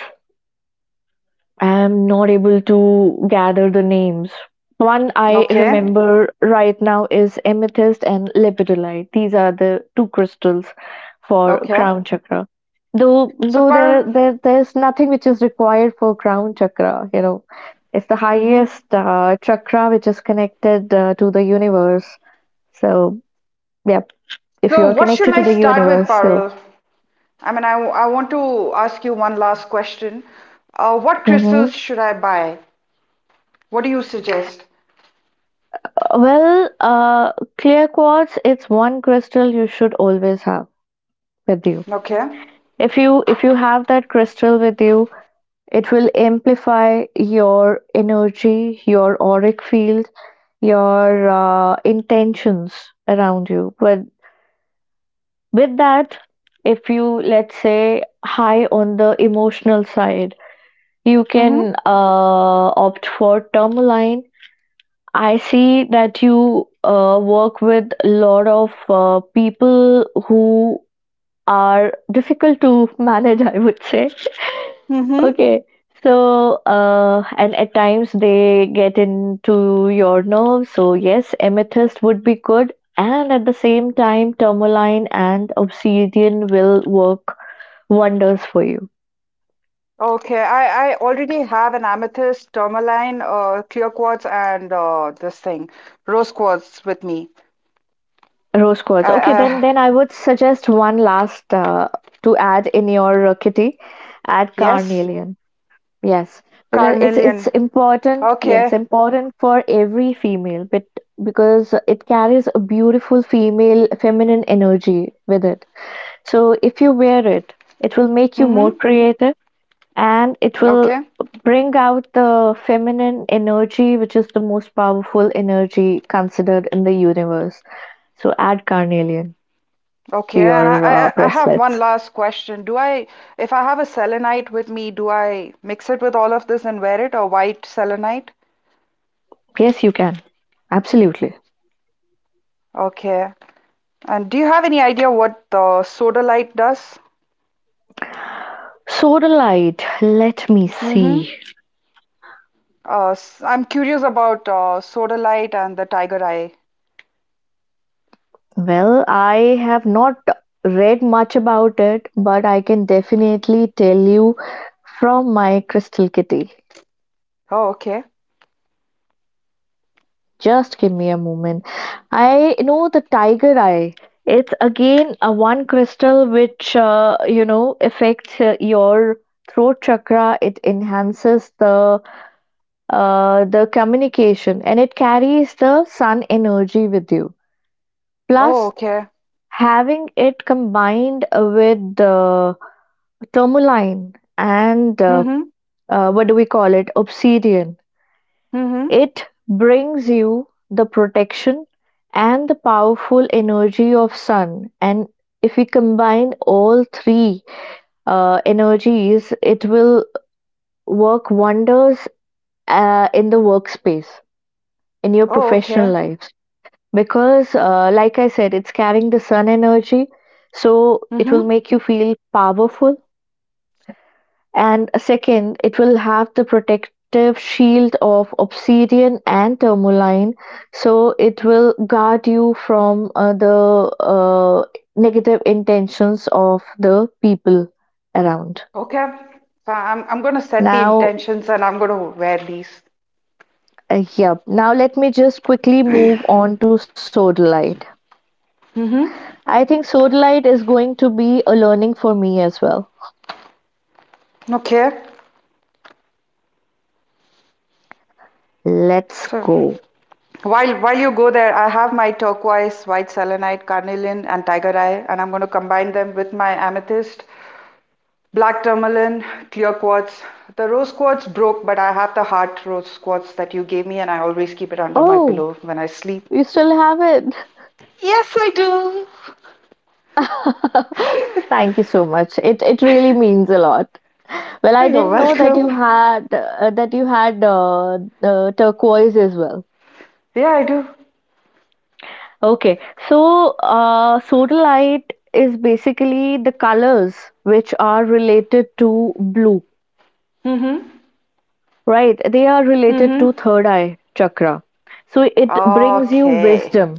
[SPEAKER 1] I'm not able to gather the names. One I
[SPEAKER 2] Okay.
[SPEAKER 1] remember right now is amethyst and lepidolite. These are the two crystals for
[SPEAKER 2] Okay.
[SPEAKER 1] crown chakra.
[SPEAKER 2] So,
[SPEAKER 1] Though
[SPEAKER 2] Parul,
[SPEAKER 1] there there there's nothing which is required for crown chakra. You know, it's the
[SPEAKER 2] hmm
[SPEAKER 1] highest chakra which is connected to the universe. So yeah, if you
[SPEAKER 2] so,
[SPEAKER 1] are
[SPEAKER 2] what should
[SPEAKER 1] connected to
[SPEAKER 2] I
[SPEAKER 1] the
[SPEAKER 2] start with,
[SPEAKER 1] universe, so.
[SPEAKER 2] Parul? I mean, I want to ask you one last question. What crystals
[SPEAKER 1] Hmm.
[SPEAKER 2] should I buy? What do you suggest?
[SPEAKER 1] Well, uh, clear quartz, it's one crystal you should always have with you.
[SPEAKER 2] Okay.
[SPEAKER 1] If you have that crystal with you, it will amplify your energy, your auric field, your intentions around you. But with that, if you, let's say, high on the emotional side, you
[SPEAKER 2] Mm-hmm.
[SPEAKER 1] can opt for tourmaline. I see that you work with a lot of people who are difficult to manage, I would say.
[SPEAKER 2] Mm-hmm.
[SPEAKER 1] Okay. So, and at times they get into your nerves. So, yes, amethyst would be good. And at the same time, tourmaline and obsidian will work wonders for you.
[SPEAKER 2] Okay, I already have an amethyst, tourmaline, clear quartz, and this thing, rose quartz with me.
[SPEAKER 1] Rose
[SPEAKER 2] I,
[SPEAKER 1] quartz. Okay, then
[SPEAKER 2] I
[SPEAKER 1] I would suggest one last to add in your kitty. Add
[SPEAKER 2] yes,
[SPEAKER 1] carnelian. Yes, because it's
[SPEAKER 2] carnelian.
[SPEAKER 1] important. Yes,
[SPEAKER 2] Okay.
[SPEAKER 1] important for every female, but because it carries a beautiful female feminine energy with it. So if you wear it, it will make you more
[SPEAKER 2] Mm-hmm.
[SPEAKER 1] creative and it will
[SPEAKER 2] Okay.
[SPEAKER 1] bring out the feminine energy, which is the most powerful energy considered in the universe. So add carnelian to
[SPEAKER 2] Okay. And
[SPEAKER 1] your
[SPEAKER 2] I have one
[SPEAKER 1] bracelets.
[SPEAKER 2] last question. If I have a selenite with me, do I mix it with all of this and wear it, or white selenite?
[SPEAKER 1] Yes, you can. Absolutely.
[SPEAKER 2] Okay. And do you have any idea what the sodalite does?
[SPEAKER 1] Sodalite, let me see.
[SPEAKER 2] Mm-hmm. I'm curious about Sodalite and the Tiger Eye.
[SPEAKER 1] Well, I have not read much about it, but I can definitely tell you from my Crystal Kitty.
[SPEAKER 2] Oh, okay.
[SPEAKER 1] Just give me a moment. I know the tiger eye. It's again a one crystal which affects your throat chakra. It enhances the communication and it carries the sun energy with you.
[SPEAKER 2] Oh,
[SPEAKER 1] Plus,
[SPEAKER 2] okay.
[SPEAKER 1] having it combined with the tourmaline and
[SPEAKER 2] Mm-hmm.
[SPEAKER 1] what do we call it, obsidian,
[SPEAKER 2] Mm-hmm.
[SPEAKER 1] it brings you the protection and the powerful energy of sun, and if we combine all three energies, it will work wonders in the workspace, in your
[SPEAKER 2] Oh,
[SPEAKER 1] professional
[SPEAKER 2] okay.
[SPEAKER 1] lives, because like I said, it's carrying the sun energy, so it
[SPEAKER 2] Mm-hmm.
[SPEAKER 1] will make you feel powerful. And second, it will have the protective shield of obsidian and tourmaline, so it will guard you from the uh, negative intentions of the people around.
[SPEAKER 2] Okay. So I'm gonna set the
[SPEAKER 1] Now,
[SPEAKER 2] intentions and I'm gonna wear these.
[SPEAKER 1] yep. Now let me just quickly move on to sodalite.
[SPEAKER 2] Mm-hmm.
[SPEAKER 1] I think sodalite is going to be a learning for me as well.
[SPEAKER 2] Okay.
[SPEAKER 1] Let's
[SPEAKER 2] So
[SPEAKER 1] go.
[SPEAKER 2] while you go there, I have my turquoise, white selenite, carnelian, and tiger eye, and I'm gonna combine them with my amethyst black tourmaline, clear quartz. The rose quartz broke, but I have the heart rose quartz that you gave me, and I always keep it under my
[SPEAKER 1] Oh,
[SPEAKER 2] pillow when I sleep.
[SPEAKER 1] you still have it.
[SPEAKER 2] Yes, I do.
[SPEAKER 1] Thank you so much. It really means a lot. Well,
[SPEAKER 2] Oh,
[SPEAKER 1] I
[SPEAKER 2] you're
[SPEAKER 1] didn't know that you
[SPEAKER 2] welcome.
[SPEAKER 1] had turquoise as well.
[SPEAKER 2] Yeah, I do.
[SPEAKER 1] Okay, so sodalite is basically the colors which are related to blue,
[SPEAKER 2] Mm-hmm.
[SPEAKER 1] right? They are related
[SPEAKER 2] Mm-hmm.
[SPEAKER 1] to third eye chakra. So it brings you
[SPEAKER 2] Okay.
[SPEAKER 1] wisdom.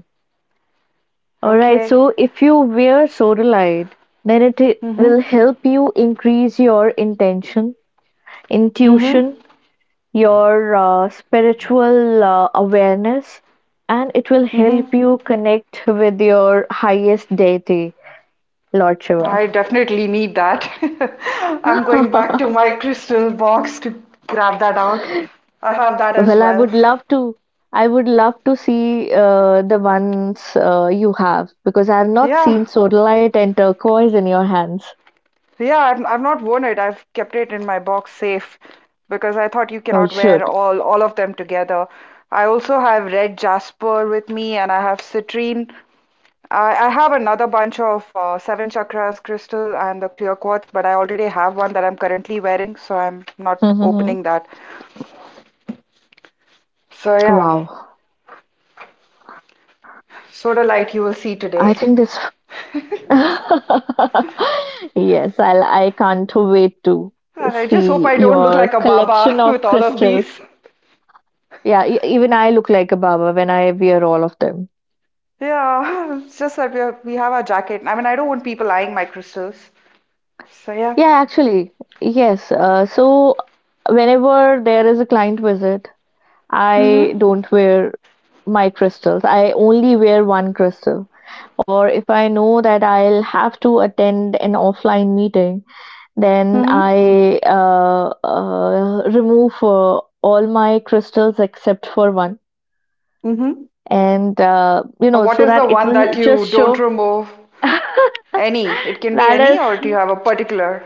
[SPEAKER 1] All right.
[SPEAKER 2] Okay.
[SPEAKER 1] So if you wear sodalite, then
[SPEAKER 2] Mm-hmm.
[SPEAKER 1] will help you increase your intention,
[SPEAKER 2] Mm-hmm.
[SPEAKER 1] intuition, your spiritual awareness, and it will
[SPEAKER 2] Mm-hmm.
[SPEAKER 1] help you connect with your highest deity, Lord Shiva.
[SPEAKER 2] I definitely need that. I'm going back
[SPEAKER 1] Well,
[SPEAKER 2] to my crystal box to grab that out. I have that as
[SPEAKER 1] I
[SPEAKER 2] well.
[SPEAKER 1] would love to. I would love to see the ones you have because I have not
[SPEAKER 2] Yeah.
[SPEAKER 1] seen sodalite and turquoise in your hands.
[SPEAKER 2] So yeah, I've not worn it. I've kept it in my box safe because I thought you
[SPEAKER 1] No, you
[SPEAKER 2] cannot wear
[SPEAKER 1] should.
[SPEAKER 2] all of them together. I also have red jasper with me, and I have citrine. I have another bunch of seven chakras crystal and the clear quartz, but I already have one that I'm currently wearing, so I'm not
[SPEAKER 1] Wow.
[SPEAKER 2] opening that. So yeah, soda light you will
[SPEAKER 1] I
[SPEAKER 2] see
[SPEAKER 1] think
[SPEAKER 2] today.
[SPEAKER 1] this yes, I'll, I can't wait to
[SPEAKER 2] I just
[SPEAKER 1] see
[SPEAKER 2] hope I don't look
[SPEAKER 1] your
[SPEAKER 2] like a
[SPEAKER 1] collection
[SPEAKER 2] baba
[SPEAKER 1] of
[SPEAKER 2] with all of
[SPEAKER 1] crystals.
[SPEAKER 2] these.
[SPEAKER 1] Yeah, even I look like a baba when I wear all of them.
[SPEAKER 2] Yeah, it's just that we have our jacket. I mean, I don't want people eyeing my crystals. So yeah.
[SPEAKER 1] Yeah, actually, yes. So whenever there is a client visit, I
[SPEAKER 2] Mm-hmm.
[SPEAKER 1] don't wear my crystals. I only wear one crystal. Or if I know that I'll have to attend an offline meeting, then
[SPEAKER 2] Mm-hmm.
[SPEAKER 1] I remove all my crystals except for one,
[SPEAKER 2] Mm-hmm.
[SPEAKER 1] and
[SPEAKER 2] What
[SPEAKER 1] so
[SPEAKER 2] is the
[SPEAKER 1] that it
[SPEAKER 2] one that
[SPEAKER 1] will just
[SPEAKER 2] you don't
[SPEAKER 1] show.
[SPEAKER 2] remove?
[SPEAKER 1] That
[SPEAKER 2] Any. It can be any, or do you
[SPEAKER 1] is,
[SPEAKER 2] have a particular?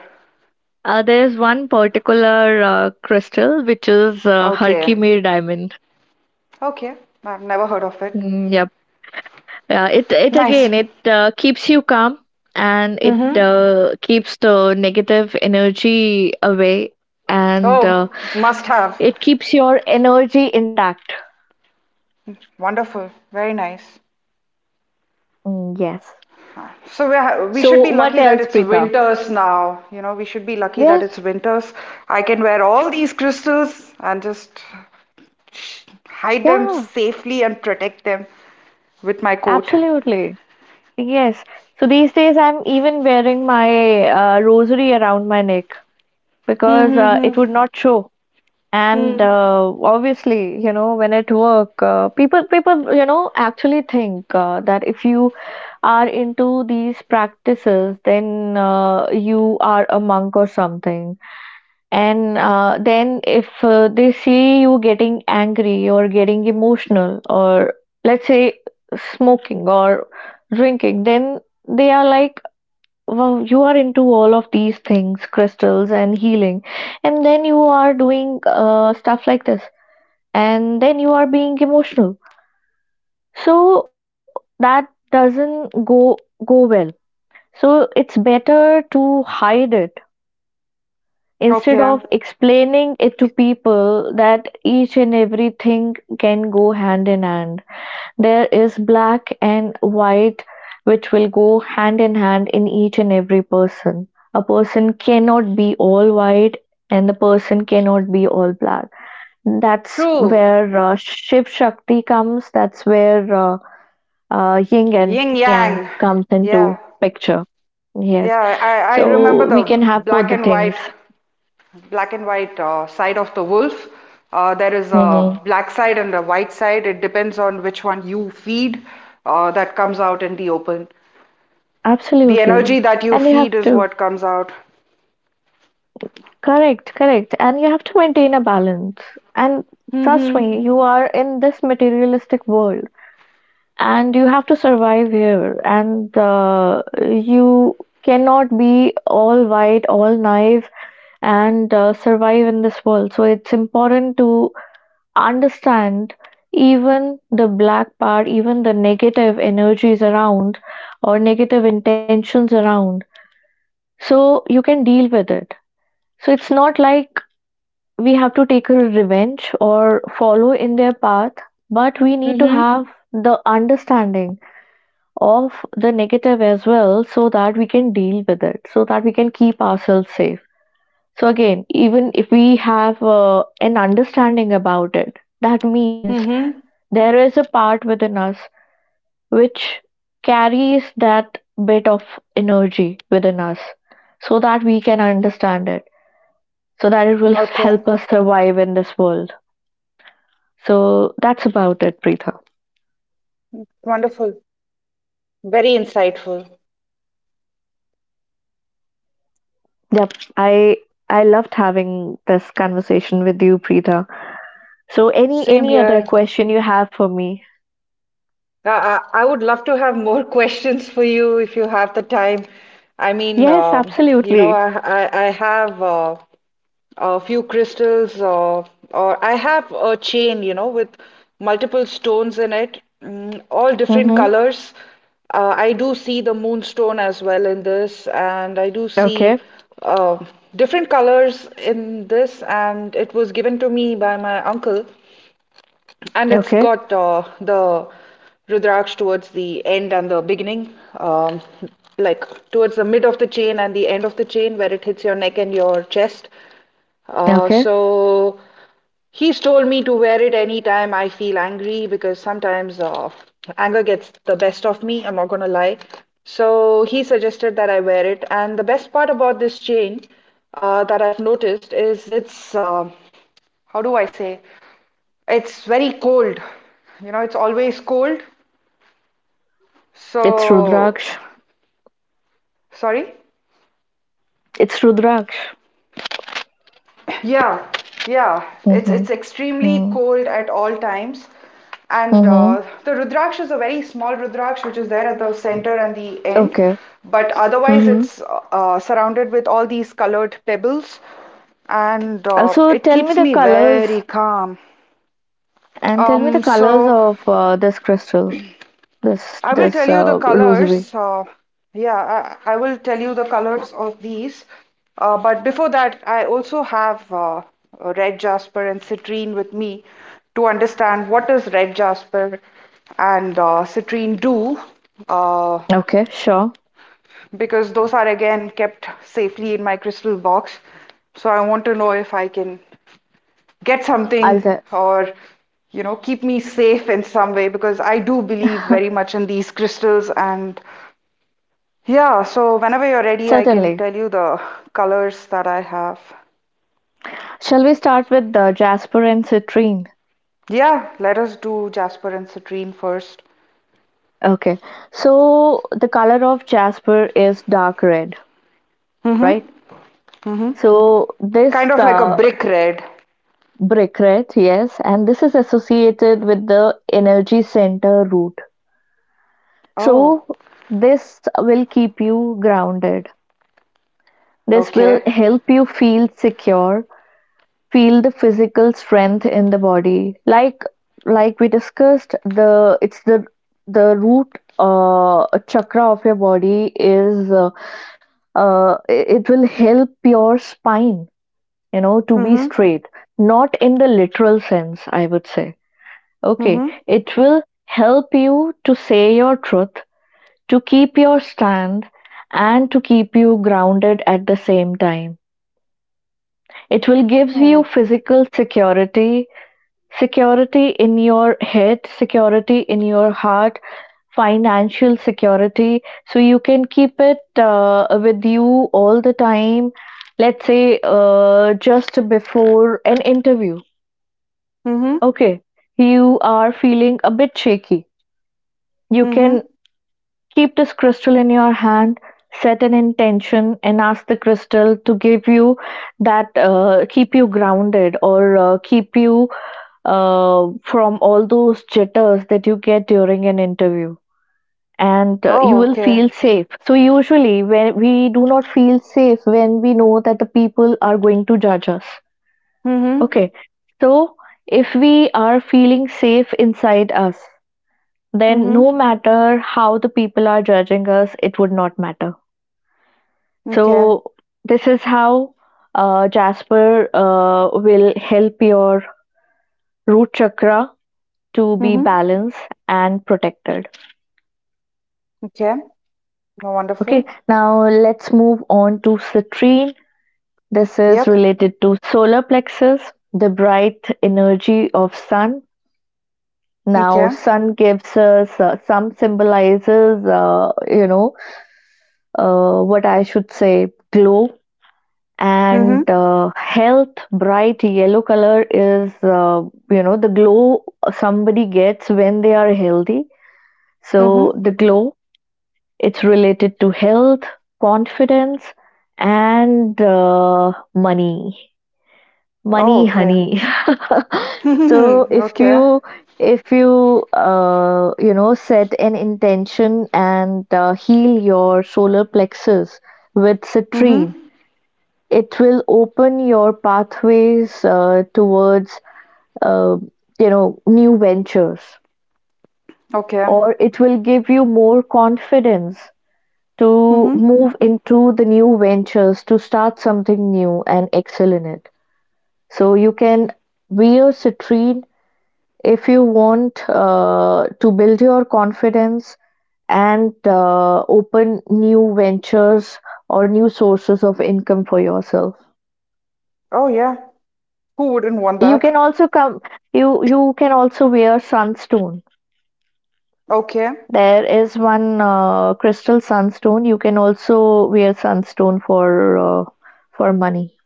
[SPEAKER 1] there is one particular crystal which is
[SPEAKER 2] Okay.
[SPEAKER 1] Herkimer diamond.
[SPEAKER 2] Okay. I've never heard of it.
[SPEAKER 1] Mm, yep. Yeah, it
[SPEAKER 2] Nice.
[SPEAKER 1] again it keeps you calm and it
[SPEAKER 2] Mm-hmm.
[SPEAKER 1] keeps the negative energy away and
[SPEAKER 2] Oh, must
[SPEAKER 1] it
[SPEAKER 2] have.
[SPEAKER 1] keeps your energy intact.
[SPEAKER 2] Wonderful. Very nice.
[SPEAKER 1] Mm, yes.
[SPEAKER 2] So we should
[SPEAKER 1] So,
[SPEAKER 2] be
[SPEAKER 1] what
[SPEAKER 2] lucky that
[SPEAKER 1] else,
[SPEAKER 2] it's
[SPEAKER 1] Preetha?
[SPEAKER 2] winters now. You know, we should be lucky that it's
[SPEAKER 1] Yes,
[SPEAKER 2] winters. I can wear all these crystals and just hide them
[SPEAKER 1] yeah,
[SPEAKER 2] safely and protect them with my coat.
[SPEAKER 1] absolutely. Yes. So these days I'm even wearing my rosary around my neck
[SPEAKER 2] Hmm,
[SPEAKER 1] because
[SPEAKER 2] hmm,
[SPEAKER 1] it
[SPEAKER 2] hmm,
[SPEAKER 1] would not show. And
[SPEAKER 2] hmm.
[SPEAKER 1] obviously, you know, when at work, people actually think that if you are into these practices, then you are a monk or something. And then if they see you getting angry or getting emotional, or let's say smoking or drinking, then they are like, well, you are into all of these things, crystals and healing, and then you are doing stuff like this, and then you are being emotional. So that doesn't go well. So it's better to hide it instead
[SPEAKER 2] Okay.
[SPEAKER 1] of explaining it to people that each and everything can go hand in hand. There is black and white, which will go hand in hand in each and every person. A person cannot be all white, and the person cannot be all black. That's
[SPEAKER 2] True.
[SPEAKER 1] where Shiv Shakti comes. That's where yin and
[SPEAKER 2] Yin
[SPEAKER 1] yang
[SPEAKER 2] yang.
[SPEAKER 1] comes into
[SPEAKER 2] Yeah.
[SPEAKER 1] picture. Yes,
[SPEAKER 2] Yeah. I
[SPEAKER 1] so
[SPEAKER 2] remember
[SPEAKER 1] we
[SPEAKER 2] the
[SPEAKER 1] can have both the things.
[SPEAKER 2] black and white side of the wolf. There is a black side and a white side. It depends on which one you feed that comes out in the open. The energy
[SPEAKER 1] Absolutely.
[SPEAKER 2] that you
[SPEAKER 1] And you have
[SPEAKER 2] feed is
[SPEAKER 1] to,
[SPEAKER 2] what comes out.
[SPEAKER 1] correct, correct. And you have to maintain a balance. And trust
[SPEAKER 2] Mm-hmm.
[SPEAKER 1] me, you are in this materialistic world, and you have to survive here. And you cannot be all white, all naive, and survive in this world. So it's important to understand even the black part, even the negative energies around or negative intentions around, so you can deal with it. So it's not like we have to take a revenge or follow in their path, but we need to
[SPEAKER 2] Mm-hmm.
[SPEAKER 1] have the understanding of the negative as well, so that we can deal with it, so that we can keep ourselves safe. So, again, even if we have an understanding about it, that means
[SPEAKER 2] Mm-hmm.
[SPEAKER 1] there is a part within us which carries that bit of energy within us, so that we can understand it, so that it will
[SPEAKER 2] Okay.
[SPEAKER 1] help us survive in this world. So that's about it, Preetha.
[SPEAKER 2] Wonderful. Very insightful.
[SPEAKER 1] Yep, I loved having this conversation with you, Preetha. So any
[SPEAKER 2] Same
[SPEAKER 1] any other
[SPEAKER 2] here.
[SPEAKER 1] question you have for me?
[SPEAKER 2] I would love to have more questions for you if you have the time. I mean,
[SPEAKER 1] Yes,
[SPEAKER 2] you know,
[SPEAKER 1] absolutely.
[SPEAKER 2] I have a few crystals or I have a chain, you know, with multiple stones in it, mm, all different
[SPEAKER 1] Mm-hmm.
[SPEAKER 2] colors. I do see the moonstone as well in this, and I do see
[SPEAKER 1] Okay,
[SPEAKER 2] uh, different colors in this, and it was given to me by my uncle and it's
[SPEAKER 1] okay,
[SPEAKER 2] got the Rudraksh towards the end and the beginning, um, like towards the mid of the chain and the end of the chain where it hits your neck and your chest. Uh,
[SPEAKER 1] okay.
[SPEAKER 2] so he's told me to wear it anytime I feel angry because sometimes anger gets the best of me, I'm not gonna lie. So he suggested that I wear it, and the best part about this chain that I've noticed is it's how do I say? It's very cold. You know, it's always cold.
[SPEAKER 1] It's
[SPEAKER 2] So,
[SPEAKER 1] Rudraksh.
[SPEAKER 2] sorry?
[SPEAKER 1] It's Rudraksh.
[SPEAKER 2] Yeah, yeah. It's
[SPEAKER 1] Mm-hmm.
[SPEAKER 2] it's extremely cold at all times. And
[SPEAKER 1] Mm-hmm.
[SPEAKER 2] the Rudraksh is a very small Rudraksh which is there at the center and the end.
[SPEAKER 1] Okay.
[SPEAKER 2] But otherwise,
[SPEAKER 1] Mm-hmm.
[SPEAKER 2] it's surrounded with all these colored pebbles and
[SPEAKER 1] Also,
[SPEAKER 2] it
[SPEAKER 1] tell me
[SPEAKER 2] keeps
[SPEAKER 1] the
[SPEAKER 2] me
[SPEAKER 1] colors,
[SPEAKER 2] very calm.
[SPEAKER 1] and tell me the
[SPEAKER 2] Um,
[SPEAKER 1] colors
[SPEAKER 2] so
[SPEAKER 1] of this crystal, this
[SPEAKER 2] I will tell
[SPEAKER 1] this
[SPEAKER 2] you the
[SPEAKER 1] rosary.
[SPEAKER 2] colors. Yeah, I will tell you the colors of these. But before that, I also have red jasper and citrine with me to understand what does red jasper and citrine do, uh,
[SPEAKER 1] Okay, sure.
[SPEAKER 2] because those are again kept safely in my crystal box. So I want to know if I can get something
[SPEAKER 1] I'll tell.
[SPEAKER 2] or keep me safe in some way because I do believe very much in these crystals and yeah, so whenever you're ready, I can
[SPEAKER 1] Certainly.
[SPEAKER 2] tell you the colors that I have.
[SPEAKER 1] Shall we start with the jasper and citrine?
[SPEAKER 2] Yeah, let us do Jasper and Citrine first.
[SPEAKER 1] Okay. So the color of jasper is dark red,
[SPEAKER 2] Mm-hmm.
[SPEAKER 1] right?
[SPEAKER 2] Mm-hmm.
[SPEAKER 1] So this
[SPEAKER 2] Kind of like a brick red.
[SPEAKER 1] brick red, yes, and this is associated with the energy center root.
[SPEAKER 2] Oh,
[SPEAKER 1] So this will keep you grounded. This
[SPEAKER 2] okay.
[SPEAKER 1] will help you feel secure, feel the physical strength in the body, like we discussed. The it's the the root chakra of your body. Is uh, uh, it will help your spine, to be
[SPEAKER 2] Mm-hmm.
[SPEAKER 1] straight, not in the literal sense, I would say. Okay,
[SPEAKER 2] Mm-hmm.
[SPEAKER 1] it will help you to say your truth, to keep your stand, and to keep you grounded at the same time. It will give you physical security, security in your head, security in your heart, financial security. So you can keep it with you all the time. Let's say just before an interview.
[SPEAKER 2] Mm-hmm.
[SPEAKER 1] Okay, you are feeling a bit shaky. You can
[SPEAKER 2] Mm-hmm.
[SPEAKER 1] keep this crystal in your hand, set an intention, and ask the crystal to give you that, keep you grounded, or keep you from all those jitters that you get during an interview, and you
[SPEAKER 2] Oh,
[SPEAKER 1] will
[SPEAKER 2] okay.
[SPEAKER 1] feel safe. So usually when we do not feel safe, when we know that the people are going to judge us.
[SPEAKER 2] Mm-hmm.
[SPEAKER 1] Okay, so if we are feeling safe inside us, then
[SPEAKER 2] Mm-hmm.
[SPEAKER 1] no matter how the people are judging us, it would not matter.
[SPEAKER 2] Okay.
[SPEAKER 1] So this is how jasper will help your root chakra to be
[SPEAKER 2] Mm-hmm.
[SPEAKER 1] balanced and protected.
[SPEAKER 2] Okay. No,
[SPEAKER 1] Okay,
[SPEAKER 2] wonderful.
[SPEAKER 1] now let's move on to citrine. This is
[SPEAKER 2] Yep.
[SPEAKER 1] related to solar plexus, the bright energy of sun. Now,
[SPEAKER 2] Okay.
[SPEAKER 1] sun gives us some, symbolizes, what I should say, glow
[SPEAKER 2] Mm-hmm.
[SPEAKER 1] and health. Bright yellow color is, the glow somebody gets when they are healthy.
[SPEAKER 2] Mm-hmm.
[SPEAKER 1] So the glow. It's related to health, confidence, and money.
[SPEAKER 2] Oh,
[SPEAKER 1] Money,
[SPEAKER 2] okay.
[SPEAKER 1] honey. So if
[SPEAKER 2] Okay.
[SPEAKER 1] you if you you know set an intention and heal your solar plexus with citrine,
[SPEAKER 2] Mm-hmm.
[SPEAKER 1] it will open your pathways towards uh, new ventures,
[SPEAKER 2] Okay.
[SPEAKER 1] or it will give you more confidence to
[SPEAKER 2] Mm-hmm.
[SPEAKER 1] move into the new ventures, to start something new and excel in it. So you can wear citrine if you want to build your confidence and open new ventures or new sources of income for yourself.
[SPEAKER 2] Oh, yeah. Who wouldn't want
[SPEAKER 1] You can
[SPEAKER 2] that?
[SPEAKER 1] also come. You can also wear sunstone.
[SPEAKER 2] Okay,
[SPEAKER 1] There is one crystal, sunstone. You can also wear sunstone for money.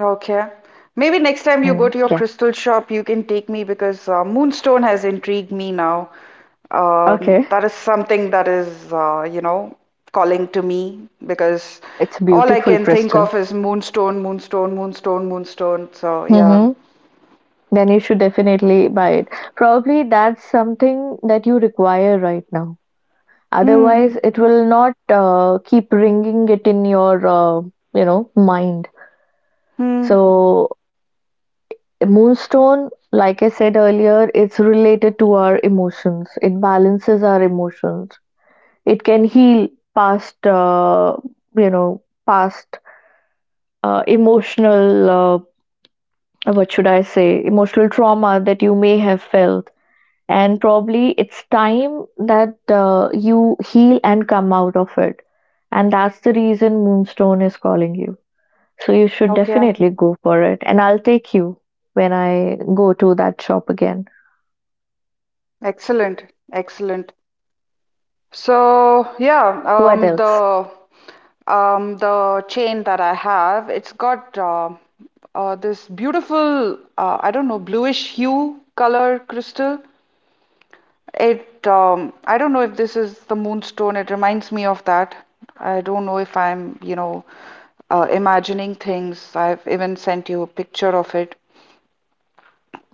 [SPEAKER 2] okay. Maybe next time you go
[SPEAKER 1] Mm,
[SPEAKER 2] to your
[SPEAKER 1] yeah.
[SPEAKER 2] crystal shop, you can take me because Moonstone has intrigued me now.
[SPEAKER 1] Okay.
[SPEAKER 2] That is something that is, calling to me because
[SPEAKER 1] It's
[SPEAKER 2] all I
[SPEAKER 1] beautiful
[SPEAKER 2] can think
[SPEAKER 1] crystal.
[SPEAKER 2] of is Moonstone, Moonstone, Moonstone, Moonstone. So, yeah.
[SPEAKER 1] Mm-hmm. Then you should definitely buy it. Probably that's something that you require right now.
[SPEAKER 2] Hmm,
[SPEAKER 1] Otherwise, it will not keep ringing it in your mind.
[SPEAKER 2] hmm.
[SPEAKER 1] So moonstone, like I said earlier, it's related to our emotions. It balances our emotions. It can heal past you know past emotional what should I say, emotional trauma that you may have felt. And probably it's time that you heal and come out of it. And that's the reason Moonstone is calling you. So you should
[SPEAKER 2] Okay,
[SPEAKER 1] definitely go for it, and I'll take you when I go to that shop again.
[SPEAKER 2] excellent, excellent. So, yeah, um,
[SPEAKER 1] What else?
[SPEAKER 2] the the chain that I have, it's got this beautiful, I don't know, bluish hue color crystal. It, I don't know if this is the moonstone. It reminds me of that. I don't know if I'm, imagining things. I've even sent you a picture of it.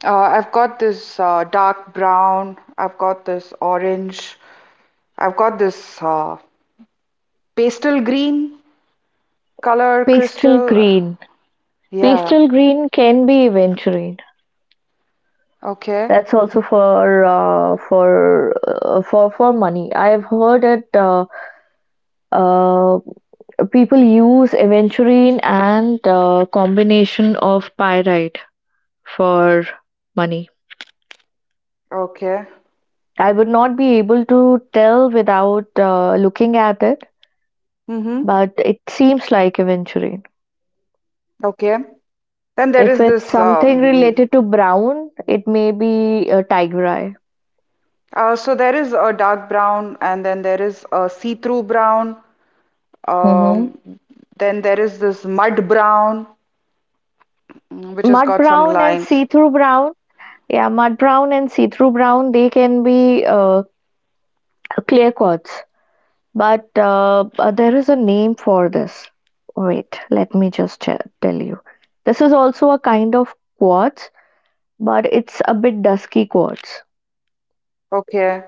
[SPEAKER 2] I've got this dark brown. I've got this orange. I've got this pastel green color
[SPEAKER 1] Pastel
[SPEAKER 2] crystal.
[SPEAKER 1] green.
[SPEAKER 2] Yeah.
[SPEAKER 1] Pastel green can be aventurine.
[SPEAKER 2] Okay,
[SPEAKER 1] That's also for money. I've heard it. Uh, People use aventurine and a combination of pyrite for money.
[SPEAKER 2] okay.
[SPEAKER 1] I would not be able to tell without looking at it,
[SPEAKER 2] Mm-hmm.
[SPEAKER 1] but it seems like aventurine.
[SPEAKER 2] Okay. Then there
[SPEAKER 1] If
[SPEAKER 2] is
[SPEAKER 1] it's
[SPEAKER 2] this
[SPEAKER 1] something related to brown, it may be a tiger eye.
[SPEAKER 2] so there is a dark brown and then there is a see-through brown. Um
[SPEAKER 1] hmm
[SPEAKER 2] then there is this mud brown, which has
[SPEAKER 1] Mud
[SPEAKER 2] got some
[SPEAKER 1] brown and see
[SPEAKER 2] lines.
[SPEAKER 1] through brown. Yeah, mud brown and see through brown, they can be clear quartz. But there is a name for this. Wait, let me just tell you. This is also a kind of quartz, but it's a bit dusky quartz.
[SPEAKER 2] Okay.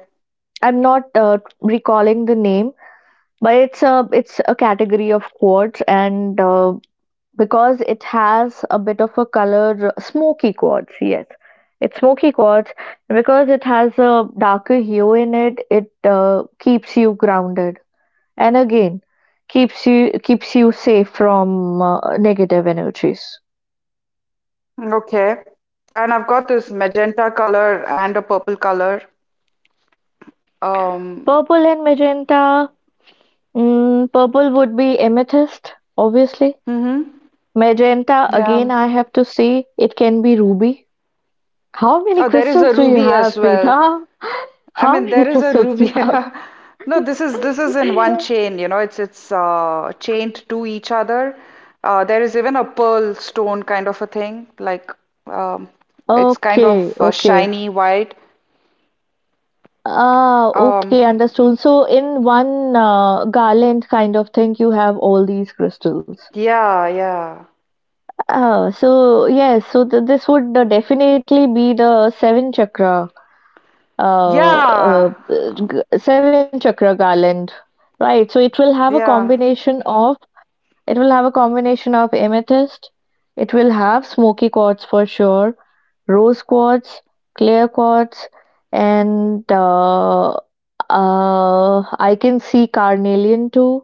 [SPEAKER 1] I'm not recalling the name, but it's a category of quartz. And because it has a bit of a color, smoky quartz. Yes, it's smoky quartz because it has a darker hue in it. It keeps you grounded, and again, keeps you safe from negative energies.
[SPEAKER 2] Okay. And I've got this magenta color and a purple color. Um
[SPEAKER 1] Purple and magenta. Purple would be amethyst, obviously.
[SPEAKER 2] mm-hmm.
[SPEAKER 1] Magenta, again,
[SPEAKER 2] Yeah.
[SPEAKER 1] I have to say, it can be ruby. How many
[SPEAKER 2] Oh, there is a
[SPEAKER 1] crystals do you
[SPEAKER 2] ruby
[SPEAKER 1] have,
[SPEAKER 2] as well.
[SPEAKER 1] Preeta?
[SPEAKER 2] I
[SPEAKER 1] How
[SPEAKER 2] mean,
[SPEAKER 1] many
[SPEAKER 2] there is a
[SPEAKER 1] crystals you
[SPEAKER 2] ruby.
[SPEAKER 1] have?
[SPEAKER 2] No, this is in one chain. You know, it's chained to each other. There is even a pearl stone kind of a thing. Like um, it's kind of
[SPEAKER 1] Okay, okay.
[SPEAKER 2] shiny white.
[SPEAKER 1] Ah, okay,
[SPEAKER 2] Um,
[SPEAKER 1] understood. So in one garland kind of thing, you have all these crystals.
[SPEAKER 2] yeah, yeah,
[SPEAKER 1] Ah, so yes, so this would definitely be the seven chakra, uh,
[SPEAKER 2] yeah,
[SPEAKER 1] uh, seven chakra garland, right? So it will have a
[SPEAKER 2] yeah.
[SPEAKER 1] combination of, amethyst. It will have smoky quartz, for sure, rose quartz, clear quartz, and I can see carnelian too.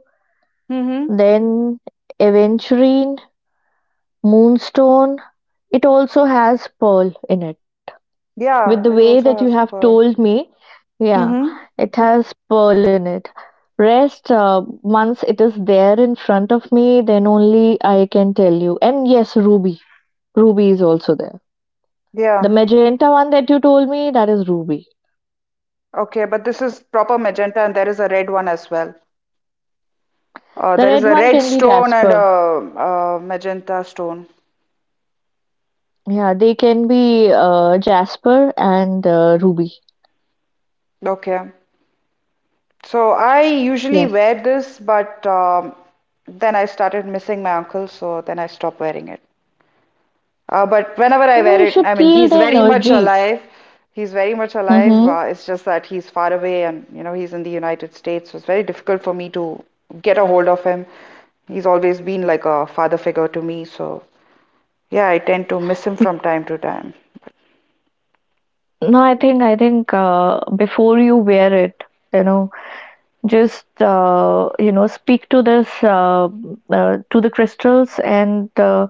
[SPEAKER 2] Mm-hmm.
[SPEAKER 1] Then aventurine, moonstone. It also has pearl in it. With the
[SPEAKER 2] Yeah,
[SPEAKER 1] way
[SPEAKER 2] it
[SPEAKER 1] that you
[SPEAKER 2] also
[SPEAKER 1] have
[SPEAKER 2] has
[SPEAKER 1] told
[SPEAKER 2] pearl.
[SPEAKER 1] me, yeah,
[SPEAKER 2] Mm-hmm.
[SPEAKER 1] it has pearl in it. Rest, once it is there in front of me, then only I can tell you. And yes, ruby. Ruby is also there. The
[SPEAKER 2] Yeah.
[SPEAKER 1] magenta one that you told me, that is ruby.
[SPEAKER 2] Okay, but this is proper magenta, and there is a red one as well.
[SPEAKER 1] The
[SPEAKER 2] There is
[SPEAKER 1] red
[SPEAKER 2] a
[SPEAKER 1] one
[SPEAKER 2] red
[SPEAKER 1] can be
[SPEAKER 2] stone and a,
[SPEAKER 1] jasper.
[SPEAKER 2] a magenta stone.
[SPEAKER 1] Yeah, they can be jasper and ruby.
[SPEAKER 2] Okay. So I usually
[SPEAKER 1] Yes.
[SPEAKER 2] wear this, but then I started missing my uncle, so then I stopped wearing it. But whenever I
[SPEAKER 1] No,
[SPEAKER 2] wear
[SPEAKER 1] you
[SPEAKER 2] it, I
[SPEAKER 1] should
[SPEAKER 2] mean,
[SPEAKER 1] feel
[SPEAKER 2] he's
[SPEAKER 1] the
[SPEAKER 2] very much
[SPEAKER 1] energy.
[SPEAKER 2] alive. He's very much alive.
[SPEAKER 1] Mm-hmm.
[SPEAKER 2] It's just that he's far away and, you know, he's in the United States, so it's very difficult for me to get a hold of him. He's always been like a father figure to me, so yeah, I tend to miss him from time to time.
[SPEAKER 1] No, I think before you wear it, you know, just speak to this to the crystals, and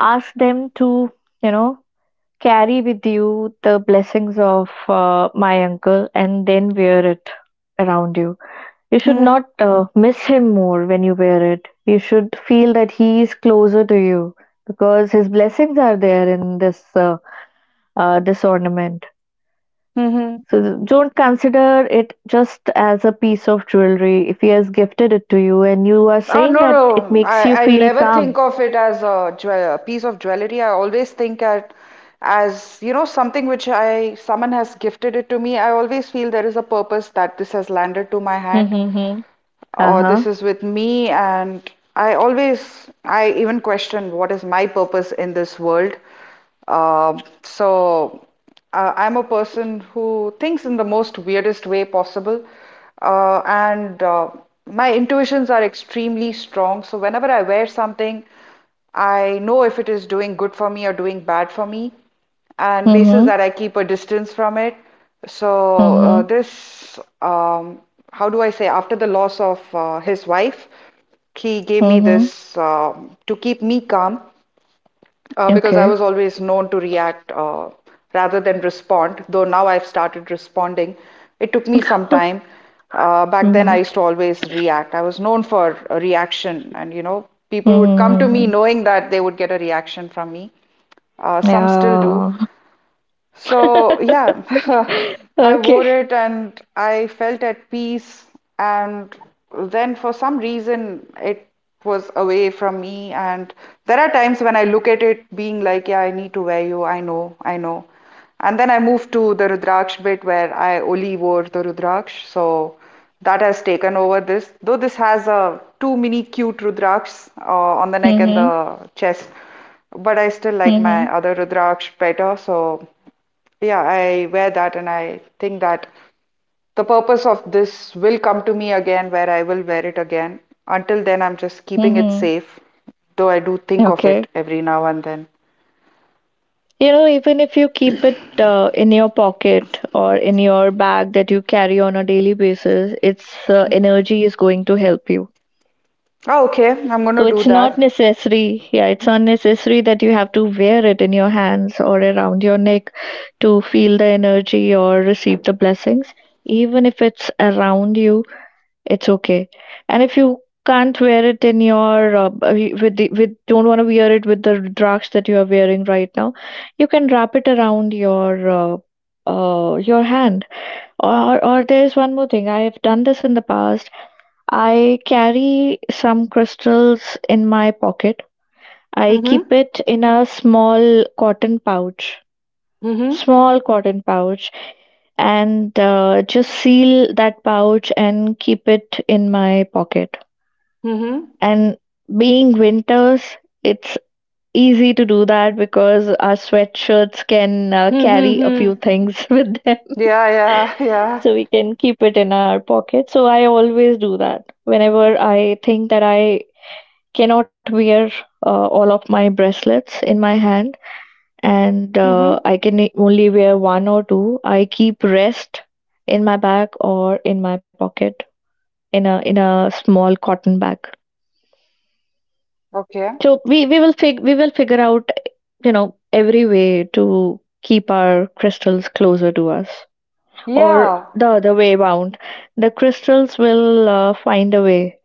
[SPEAKER 1] ask them to you know carry with you the blessings of my uncle, and then wear it around you. You should not miss him more when you wear it. You should feel that he is closer to you because his blessings are there in this ornament.
[SPEAKER 2] Mm-hmm.
[SPEAKER 1] So don't consider it just as a piece of jewelry if he has gifted it to you and you are
[SPEAKER 2] Oh,
[SPEAKER 1] saying
[SPEAKER 2] no,
[SPEAKER 1] that it
[SPEAKER 2] no.
[SPEAKER 1] makes you
[SPEAKER 2] I
[SPEAKER 1] feel
[SPEAKER 2] never think
[SPEAKER 1] calm.
[SPEAKER 2] of it as a, jewel, a piece of jewelry. I always think at as, you know, something which I, someone has gifted it to me. I always feel there is a purpose that this has landed to my hand
[SPEAKER 1] Mm-hmm.
[SPEAKER 2] or this
[SPEAKER 1] Uh-huh.
[SPEAKER 2] is with me. And I always, I even question what is my purpose in this world. So I'm a person who thinks in the most weirdest way possible, and my intuitions are extremely strong. So whenever I wear something, I know if it is doing good for me or doing bad for me, and basis
[SPEAKER 1] Mm-hmm.
[SPEAKER 2] that I keep a distance from it. So
[SPEAKER 1] Mm-hmm.
[SPEAKER 2] this, how do I say, after the loss of his wife, he gave me
[SPEAKER 1] Mm-hmm.
[SPEAKER 2] this to keep me calm because I
[SPEAKER 1] Okay.
[SPEAKER 2] was always known to react rather than respond, though now I've started responding. It took me some time. Back then, I
[SPEAKER 1] Hmm.
[SPEAKER 2] used to always react. I was known for a reaction, and you know, people would come to me
[SPEAKER 1] Mm-hmm.
[SPEAKER 2] knowing that they would get a reaction from me. Some still do.
[SPEAKER 1] Yeah.
[SPEAKER 2] So, yeah, I
[SPEAKER 1] Okay.
[SPEAKER 2] wore it and I felt at peace. And then, for some reason, it was away from me. And there are times when I look at it being like, yeah, I need to wear you. I know, I know. And then I moved to the Rudraksh bit where I only wore the Rudraksh. So that has taken over this. Though this has two mini cute Rudrakshs on the neck and
[SPEAKER 1] Mm-hmm.
[SPEAKER 2] the chest. But I still like
[SPEAKER 1] Mm-hmm.
[SPEAKER 2] my other Rudraksh better. So yeah, I wear that and I think that the purpose of this will come to me again where I will wear it again. Until then, I'm just keeping it
[SPEAKER 1] Mm-hmm.
[SPEAKER 2] safe, though I do think of
[SPEAKER 1] Okay.
[SPEAKER 2] it every now and then.
[SPEAKER 1] Even if you keep it in your pocket or in your bag that you carry on a daily basis, its energy is going to help you.
[SPEAKER 2] Oh, okay, I'm
[SPEAKER 1] So
[SPEAKER 2] gonna do
[SPEAKER 1] it's not
[SPEAKER 2] that.
[SPEAKER 1] necessary. Yeah, it's not necessary that you have to wear it in your hands or around your neck to feel the energy or receive the blessings. Even if it's around you, it's okay. And if you can't wear it in your b- with the with don't want to wear it with the drugs that you are wearing right now, you can wrap it around your hand. Or there's one more thing. I have done this in the past. I carry some crystals in my pocket. I
[SPEAKER 2] Mm-hmm.
[SPEAKER 1] keep it in a small cotton pouch,
[SPEAKER 2] Mm-hmm.
[SPEAKER 1] small cotton pouch, and just seal that pouch and keep it in my pocket.
[SPEAKER 2] Mm-hmm.
[SPEAKER 1] And being winters, it's easy to do that because our sweatshirts can carry a
[SPEAKER 2] Mm-hmm.
[SPEAKER 1] few things with them.
[SPEAKER 2] Yeah, yeah, yeah.
[SPEAKER 1] So we can keep it in our pocket. So I always do that. Whenever I think that I cannot wear all of my bracelets in my hand, and
[SPEAKER 2] Mm-hmm.
[SPEAKER 1] I can only wear one or two, I keep rest in my bag or in my pocket, in a small cotton bag.
[SPEAKER 2] Okay.
[SPEAKER 1] So we will figure out you know every way to keep our crystals closer to us, or
[SPEAKER 2] Yeah,
[SPEAKER 1] the other way around, the crystals will find a way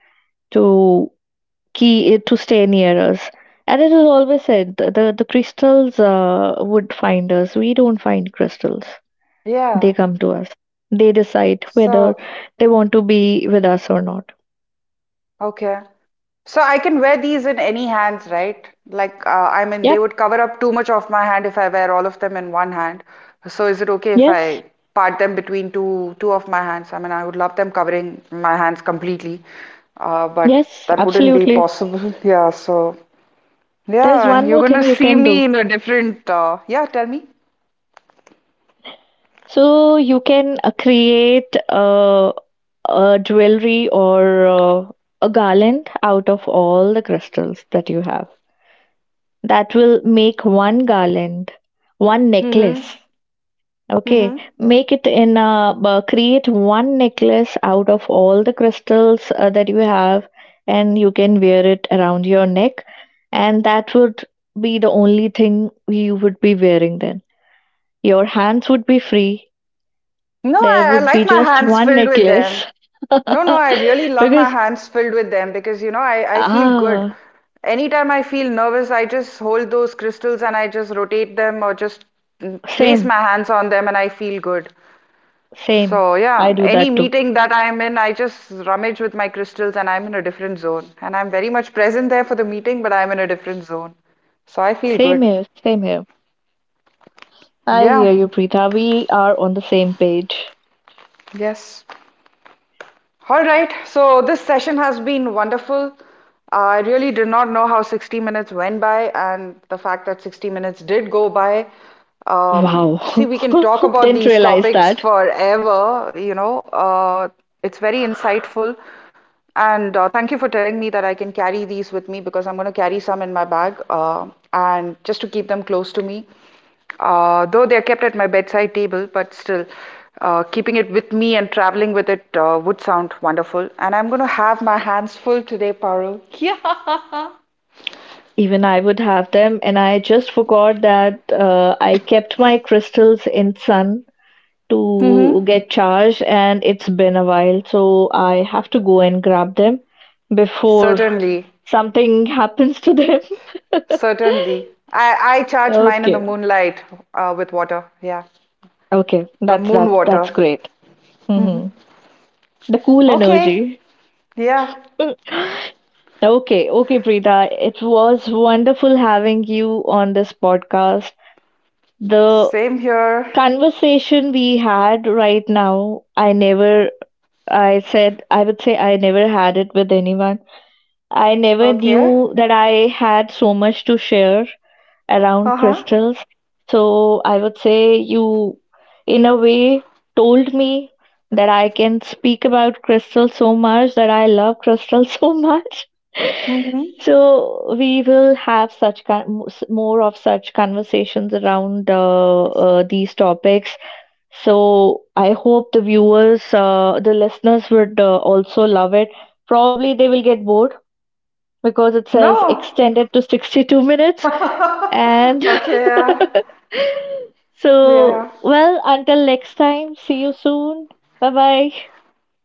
[SPEAKER 1] to to stay near us. And it is always said the crystals would find us. We don't find crystals. They
[SPEAKER 2] yeah.
[SPEAKER 1] come to us. They decide whether
[SPEAKER 2] So.
[SPEAKER 1] they want to be with us or not.
[SPEAKER 2] Okay. So I can wear these in any hands, right? Like, I mean, they
[SPEAKER 1] Yep.
[SPEAKER 2] would cover up too much of my hand if I wear all of them in one hand. So is it okay if
[SPEAKER 1] Yes.
[SPEAKER 2] I part them between two of my hands? I mean, I would love them covering my hands completely, but
[SPEAKER 1] Yes.
[SPEAKER 2] that wouldn't be
[SPEAKER 1] Absolutely.
[SPEAKER 2] possible. Yeah. So
[SPEAKER 1] There's
[SPEAKER 2] yeah,
[SPEAKER 1] one
[SPEAKER 2] you're
[SPEAKER 1] more thing
[SPEAKER 2] gonna
[SPEAKER 1] you
[SPEAKER 2] see
[SPEAKER 1] can do.
[SPEAKER 2] me in a different. Yeah. Tell me.
[SPEAKER 1] So you can create a jewelry or a garland out of all the crystals that you have. That will make one garland, one
[SPEAKER 2] Mm-hmm.
[SPEAKER 1] necklace. Okay,
[SPEAKER 2] Mm-hmm.
[SPEAKER 1] make it create one necklace out of all the crystals that you have, and you can wear it around your neck, and that would be the only thing you would be wearing then. Your hands would be free.
[SPEAKER 2] No,
[SPEAKER 1] There
[SPEAKER 2] I
[SPEAKER 1] would be
[SPEAKER 2] like my
[SPEAKER 1] just
[SPEAKER 2] hands
[SPEAKER 1] one
[SPEAKER 2] filled with them.
[SPEAKER 1] necklace.
[SPEAKER 2] No, no, I really love my
[SPEAKER 1] Because,
[SPEAKER 2] hands filled with them because I feel good.
[SPEAKER 1] ah,
[SPEAKER 2] Anytime I feel nervous, I just hold those crystals and I just rotate them or just place
[SPEAKER 1] same,
[SPEAKER 2] my hands on them and I feel good.
[SPEAKER 1] same.
[SPEAKER 2] So
[SPEAKER 1] I
[SPEAKER 2] yeah,
[SPEAKER 1] do
[SPEAKER 2] any
[SPEAKER 1] that too.
[SPEAKER 2] meeting that I'm in, I just rummage with my crystals and I'm in a different zone. And I'm very much present there for the meeting, but I'm in a different zone. So I feel
[SPEAKER 1] Same
[SPEAKER 2] good.
[SPEAKER 1] here, same here. I
[SPEAKER 2] Yeah,
[SPEAKER 1] hear you, Preetha. We are on the same page.
[SPEAKER 2] yes. All right, so this session has been wonderful. I really did not know how 60 minutes went by, and the fact that 60 minutes did go by. See,
[SPEAKER 1] Wow,
[SPEAKER 2] we can talk about
[SPEAKER 1] didn't
[SPEAKER 2] these
[SPEAKER 1] realize
[SPEAKER 2] topics
[SPEAKER 1] that.
[SPEAKER 2] forever, it's very insightful. And thank you for telling me that I can carry these with me because I'm going to carry some in my bag and just to keep them close to me. Though they are kept at my bedside table, but still, keeping it with me and traveling with it would sound wonderful. And I'm going to have my hands full today, Parul. Yeah.
[SPEAKER 1] Even I would have them, and I just forgot that I kept my crystals in sun to
[SPEAKER 2] Mm-hmm.
[SPEAKER 1] get charged, and it's been a while, so I have to go and grab them before
[SPEAKER 2] Certainly,
[SPEAKER 1] something happens to them.
[SPEAKER 2] certainly. I charge mine in the
[SPEAKER 1] Okay,
[SPEAKER 2] moonlight with water. Yeah,
[SPEAKER 1] okay,
[SPEAKER 2] the
[SPEAKER 1] that's
[SPEAKER 2] moon
[SPEAKER 1] that.
[SPEAKER 2] water.
[SPEAKER 1] That's great.
[SPEAKER 2] Hmm.
[SPEAKER 1] Hmm. The cool
[SPEAKER 2] Okay.
[SPEAKER 1] energy.
[SPEAKER 2] Yeah,
[SPEAKER 1] Okay, okay, Preeta. It was wonderful having you on this podcast. The
[SPEAKER 2] same here.
[SPEAKER 1] conversation we had right now, I never, I said, I would say I never had it with anyone. I never
[SPEAKER 2] Okay.
[SPEAKER 1] knew that I had so much to share around
[SPEAKER 2] Uh-huh.
[SPEAKER 1] crystals. So I would say you, in a way, told me that I can speak about crystals so much that I love crystals so much.
[SPEAKER 2] Hmm.
[SPEAKER 1] So we will have such more of such conversations around these topics. So I hope the viewers, the listeners, would also love it. Probably they will get bored because it says
[SPEAKER 2] No.
[SPEAKER 1] extended to 62 minutes. And
[SPEAKER 2] Okay. Yeah.
[SPEAKER 1] so,
[SPEAKER 2] Yeah.
[SPEAKER 1] well, until next time, see you soon. Bye bye.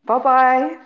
[SPEAKER 2] Bye bye.